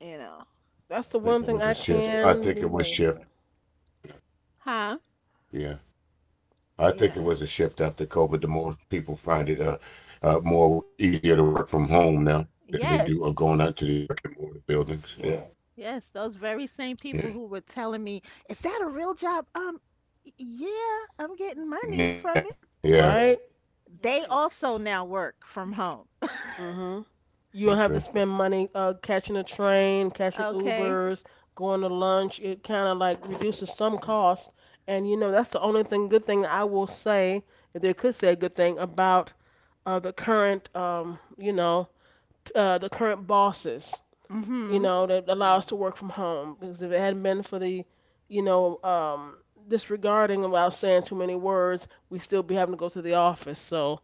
S1: you know.
S2: That's the
S4: think
S2: one
S4: it
S2: thing
S4: was
S2: I
S4: a shift. I
S2: can
S4: think
S2: be
S4: it was
S2: going
S4: shift.
S2: about.
S1: Huh?
S4: Yeah. I
S1: Yeah.
S4: think it was a shift after COVID. The more people find it more easier to work from home now than they do of
S1: Yes.
S4: going out to these brick and mortar buildings. Yeah.
S1: Yes, those very same people
S4: Yeah.
S1: who were telling me, "Is that a real job?" Y- yeah, I'm getting money
S4: Yeah.
S1: from it.
S4: Yeah.
S2: Right?
S1: They
S3: Right.
S1: also now work from home.
S2: hmm You don't have
S4: Okay.
S2: to spend money catching a train, catching
S1: Okay.
S2: Ubers, going to lunch. It kind of like
S4: Yeah, that's
S2: reduces some cost. And you know, that's the only thing, good thing I will say, if they could say a good thing about the current, the current bosses, you
S1: Mhm.
S3: Yeah.
S2: know, that allow us to work from home. Because if it hadn't been for the, you know, disregarding about saying too many words, we still be having to go to the office. So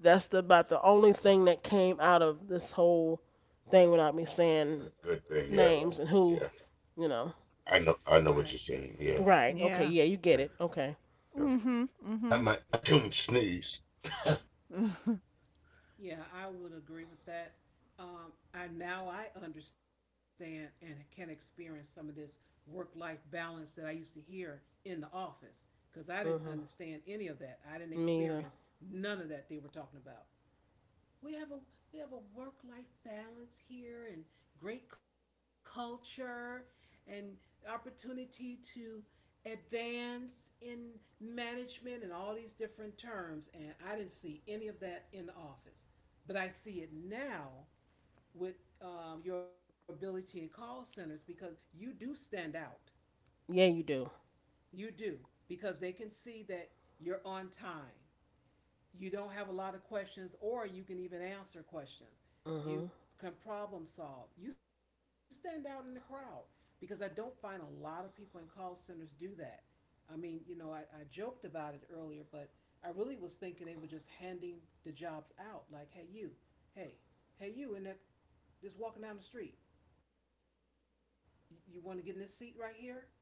S2: that's the, about the only
S4: a
S2: thing that came out of this whole thing without me saying
S4: good thing. Yeah.
S2: names and who,
S4: Yeah,
S2: you know.
S4: I know. I
S3: Right.
S4: know what you're saying. Yeah,
S2: Right. Okay.
S1: Yeah.
S2: Yeah, you get
S4: yeah.
S2: it. Okay.
S4: Yeah.
S1: Mhm. Mhm.
S4: I
S1: Mhm.
S4: might. I tune sneeze.
S3: Yeah, I would agree with that. I Now I understand and can experience some of this work-life balance that I used to hear in the office, because I didn't
S2: Mhm.
S3: understand any of that. I didn't
S2: Me
S3: experience
S2: either.
S3: none of that they were talking about. we have a we have a work life balance here, and great culture, and opportunity to advance in management, and all these different terms, and I didn't see any of that in the office. But I see it now with your ability in call centers, because you do stand out.
S2: Yeah, you do.
S3: You do, because they can see that you're on time, you don't have a lot of questions, or you can even answer questions, you
S2: Mhm.
S3: can problem solve, you stand out in the crowd, because I don't find a lot of people in call centers do that. I mean, I joked about it earlier, but I really was thinking they were just handing the jobs out like, hey you, hey hey you, and that, just walking down the street. You want to get in this seat right here, but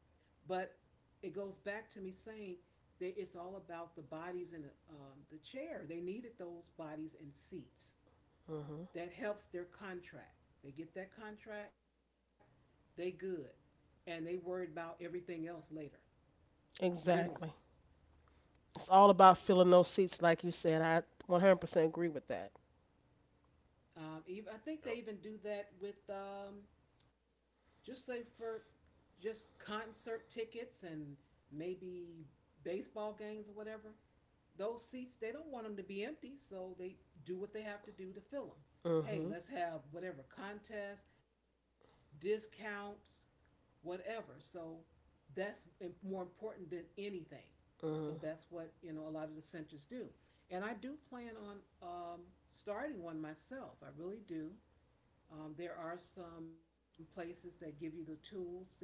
S3: it goes back to me saying that it's all about the bodies in the chair. They needed those bodies and seats.
S2: Mhm.
S3: That helps their contract. They get that contract, they good, and they worried about everything else later. Literally,
S2: Exactly. It's all about filling those seats, like you said. I 100% agree with that.
S3: even, I think they even do that with just say for just concert tickets and maybe baseball games or whatever. Those seats, they don't want them to be empty, so they do what they have to do to fill them. Hey,
S2: Mhm.
S3: let's have whatever, contest, discounts, whatever. So that's more important than anything. So that's
S2: Mhm.
S3: what, a lot of the centers do. And I do plan on, um, starting one myself. I really do. There are some places that give you the tools to begin,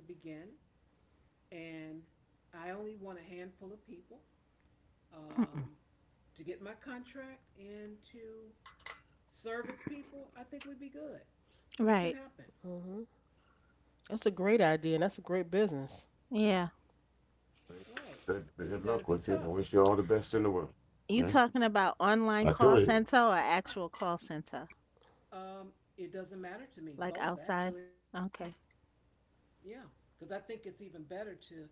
S3: and I only want a handful of people, um, to get my contract and to service people. I think we'd be good. It can
S1: Right.
S3: happen.
S2: Mhm. That's a great idea, and that's a great business.
S1: Yeah.
S3: Right.
S4: Good,
S3: And you got
S4: good
S3: to be
S4: luck with it. I
S3: tough.
S4: wish you all the best in the world.
S1: You
S4: Yeah,
S1: talking about online
S4: I
S1: call
S4: told you.
S1: center or actual call center?
S3: Um, it doesn't matter to me,
S1: Like
S3: both
S1: outside?
S3: actually.
S1: Okay.
S3: Yeah. Because I think it's even better to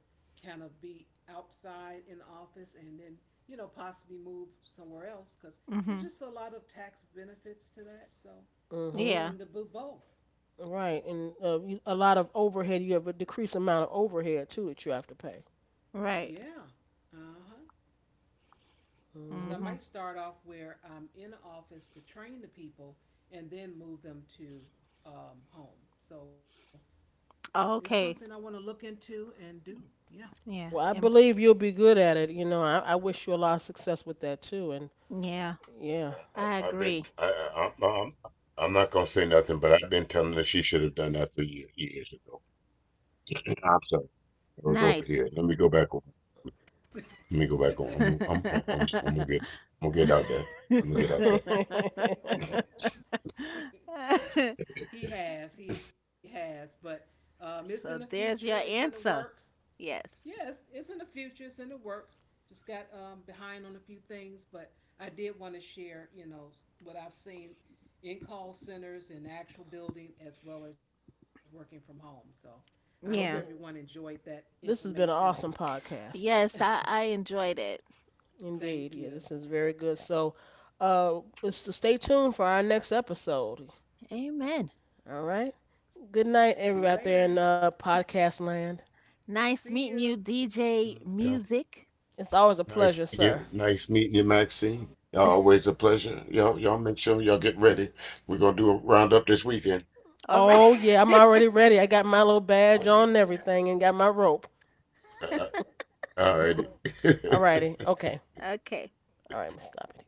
S3: kind of be outside in the office and then, possibly move somewhere else, because there's
S1: Mhm.
S3: just a lot of tax benefits to that. So I'm
S2: Mhm.
S1: Yeah.
S3: willing to do both.
S2: Right, and a lot of overhead. You have a decreased amount of overhead too that you have to pay.
S1: Right.
S3: Yeah. Uh huh. Because I
S2: Mhm.
S1: Mhm.
S3: might start off where I'm in the office to train the people, and then move them to home. So it's something I want to
S1: Okay.
S3: look into and do. Yeah.
S1: Yeah.
S2: Well, I
S1: And
S2: believe you'll be good at it. You know, I wish you a lot of success with that too. And
S1: yeah,
S2: yeah.
S4: Yeah,
S1: I
S4: I've been.
S1: agree.
S4: I, I'm, I'm. I'm not gonna say nothing, but I've been telling her she should have done that three years ago. I'm sorry. I was over
S1: Nice.
S4: here. Let me go back on. Let me go back on. I'm. I'm. I'm. Gonna- I'm gonna get. I'm gonna get out there. I'm gonna get out there.
S3: He has, but it's in the
S1: So
S3: future, it's
S1: there's
S3: in the
S1: your
S3: works.
S1: answer. Yes.
S3: Yes, it's in the future. It's in the works. Just got behind on a few things, but I did want to share what I've seen in call centers in actual building as well as working from home. So I hope everyone
S2: well,
S1: Yeah.
S2: th-
S3: enjoyed that
S2: this
S3: information.
S2: has
S3: And
S2: been an awesome podcast.
S1: Yes, I enjoyed it.
S3: thank
S2: Indeed. Yeah,
S3: you.
S2: this is very good. Uh, so stay tuned for our next episode.
S1: Amen.
S2: All right.
S3: See you
S2: Good night,
S3: later.
S2: everybody out
S4: Right.
S2: there in podcast land.
S3: See
S1: Nice
S3: you.
S1: meeting you,
S4: Good
S1: DJ
S4: night, y'all.
S1: Music.
S2: It's always a
S4: Nice
S2: pleasure,
S4: meeting
S2: sir.
S4: you. Nice meeting you, Maxine. Y'all always a pleasure. Y'all make sure y'all get ready. We're gonna do a roundup this weekend.
S1: All right.
S2: Oh, yeah, I'm already ready. I got my little badge on and everything and got my rope.
S4: Uh, uh, all righty.
S2: All righty. Okay.
S1: Okay.
S2: All right, I'm going to stop it.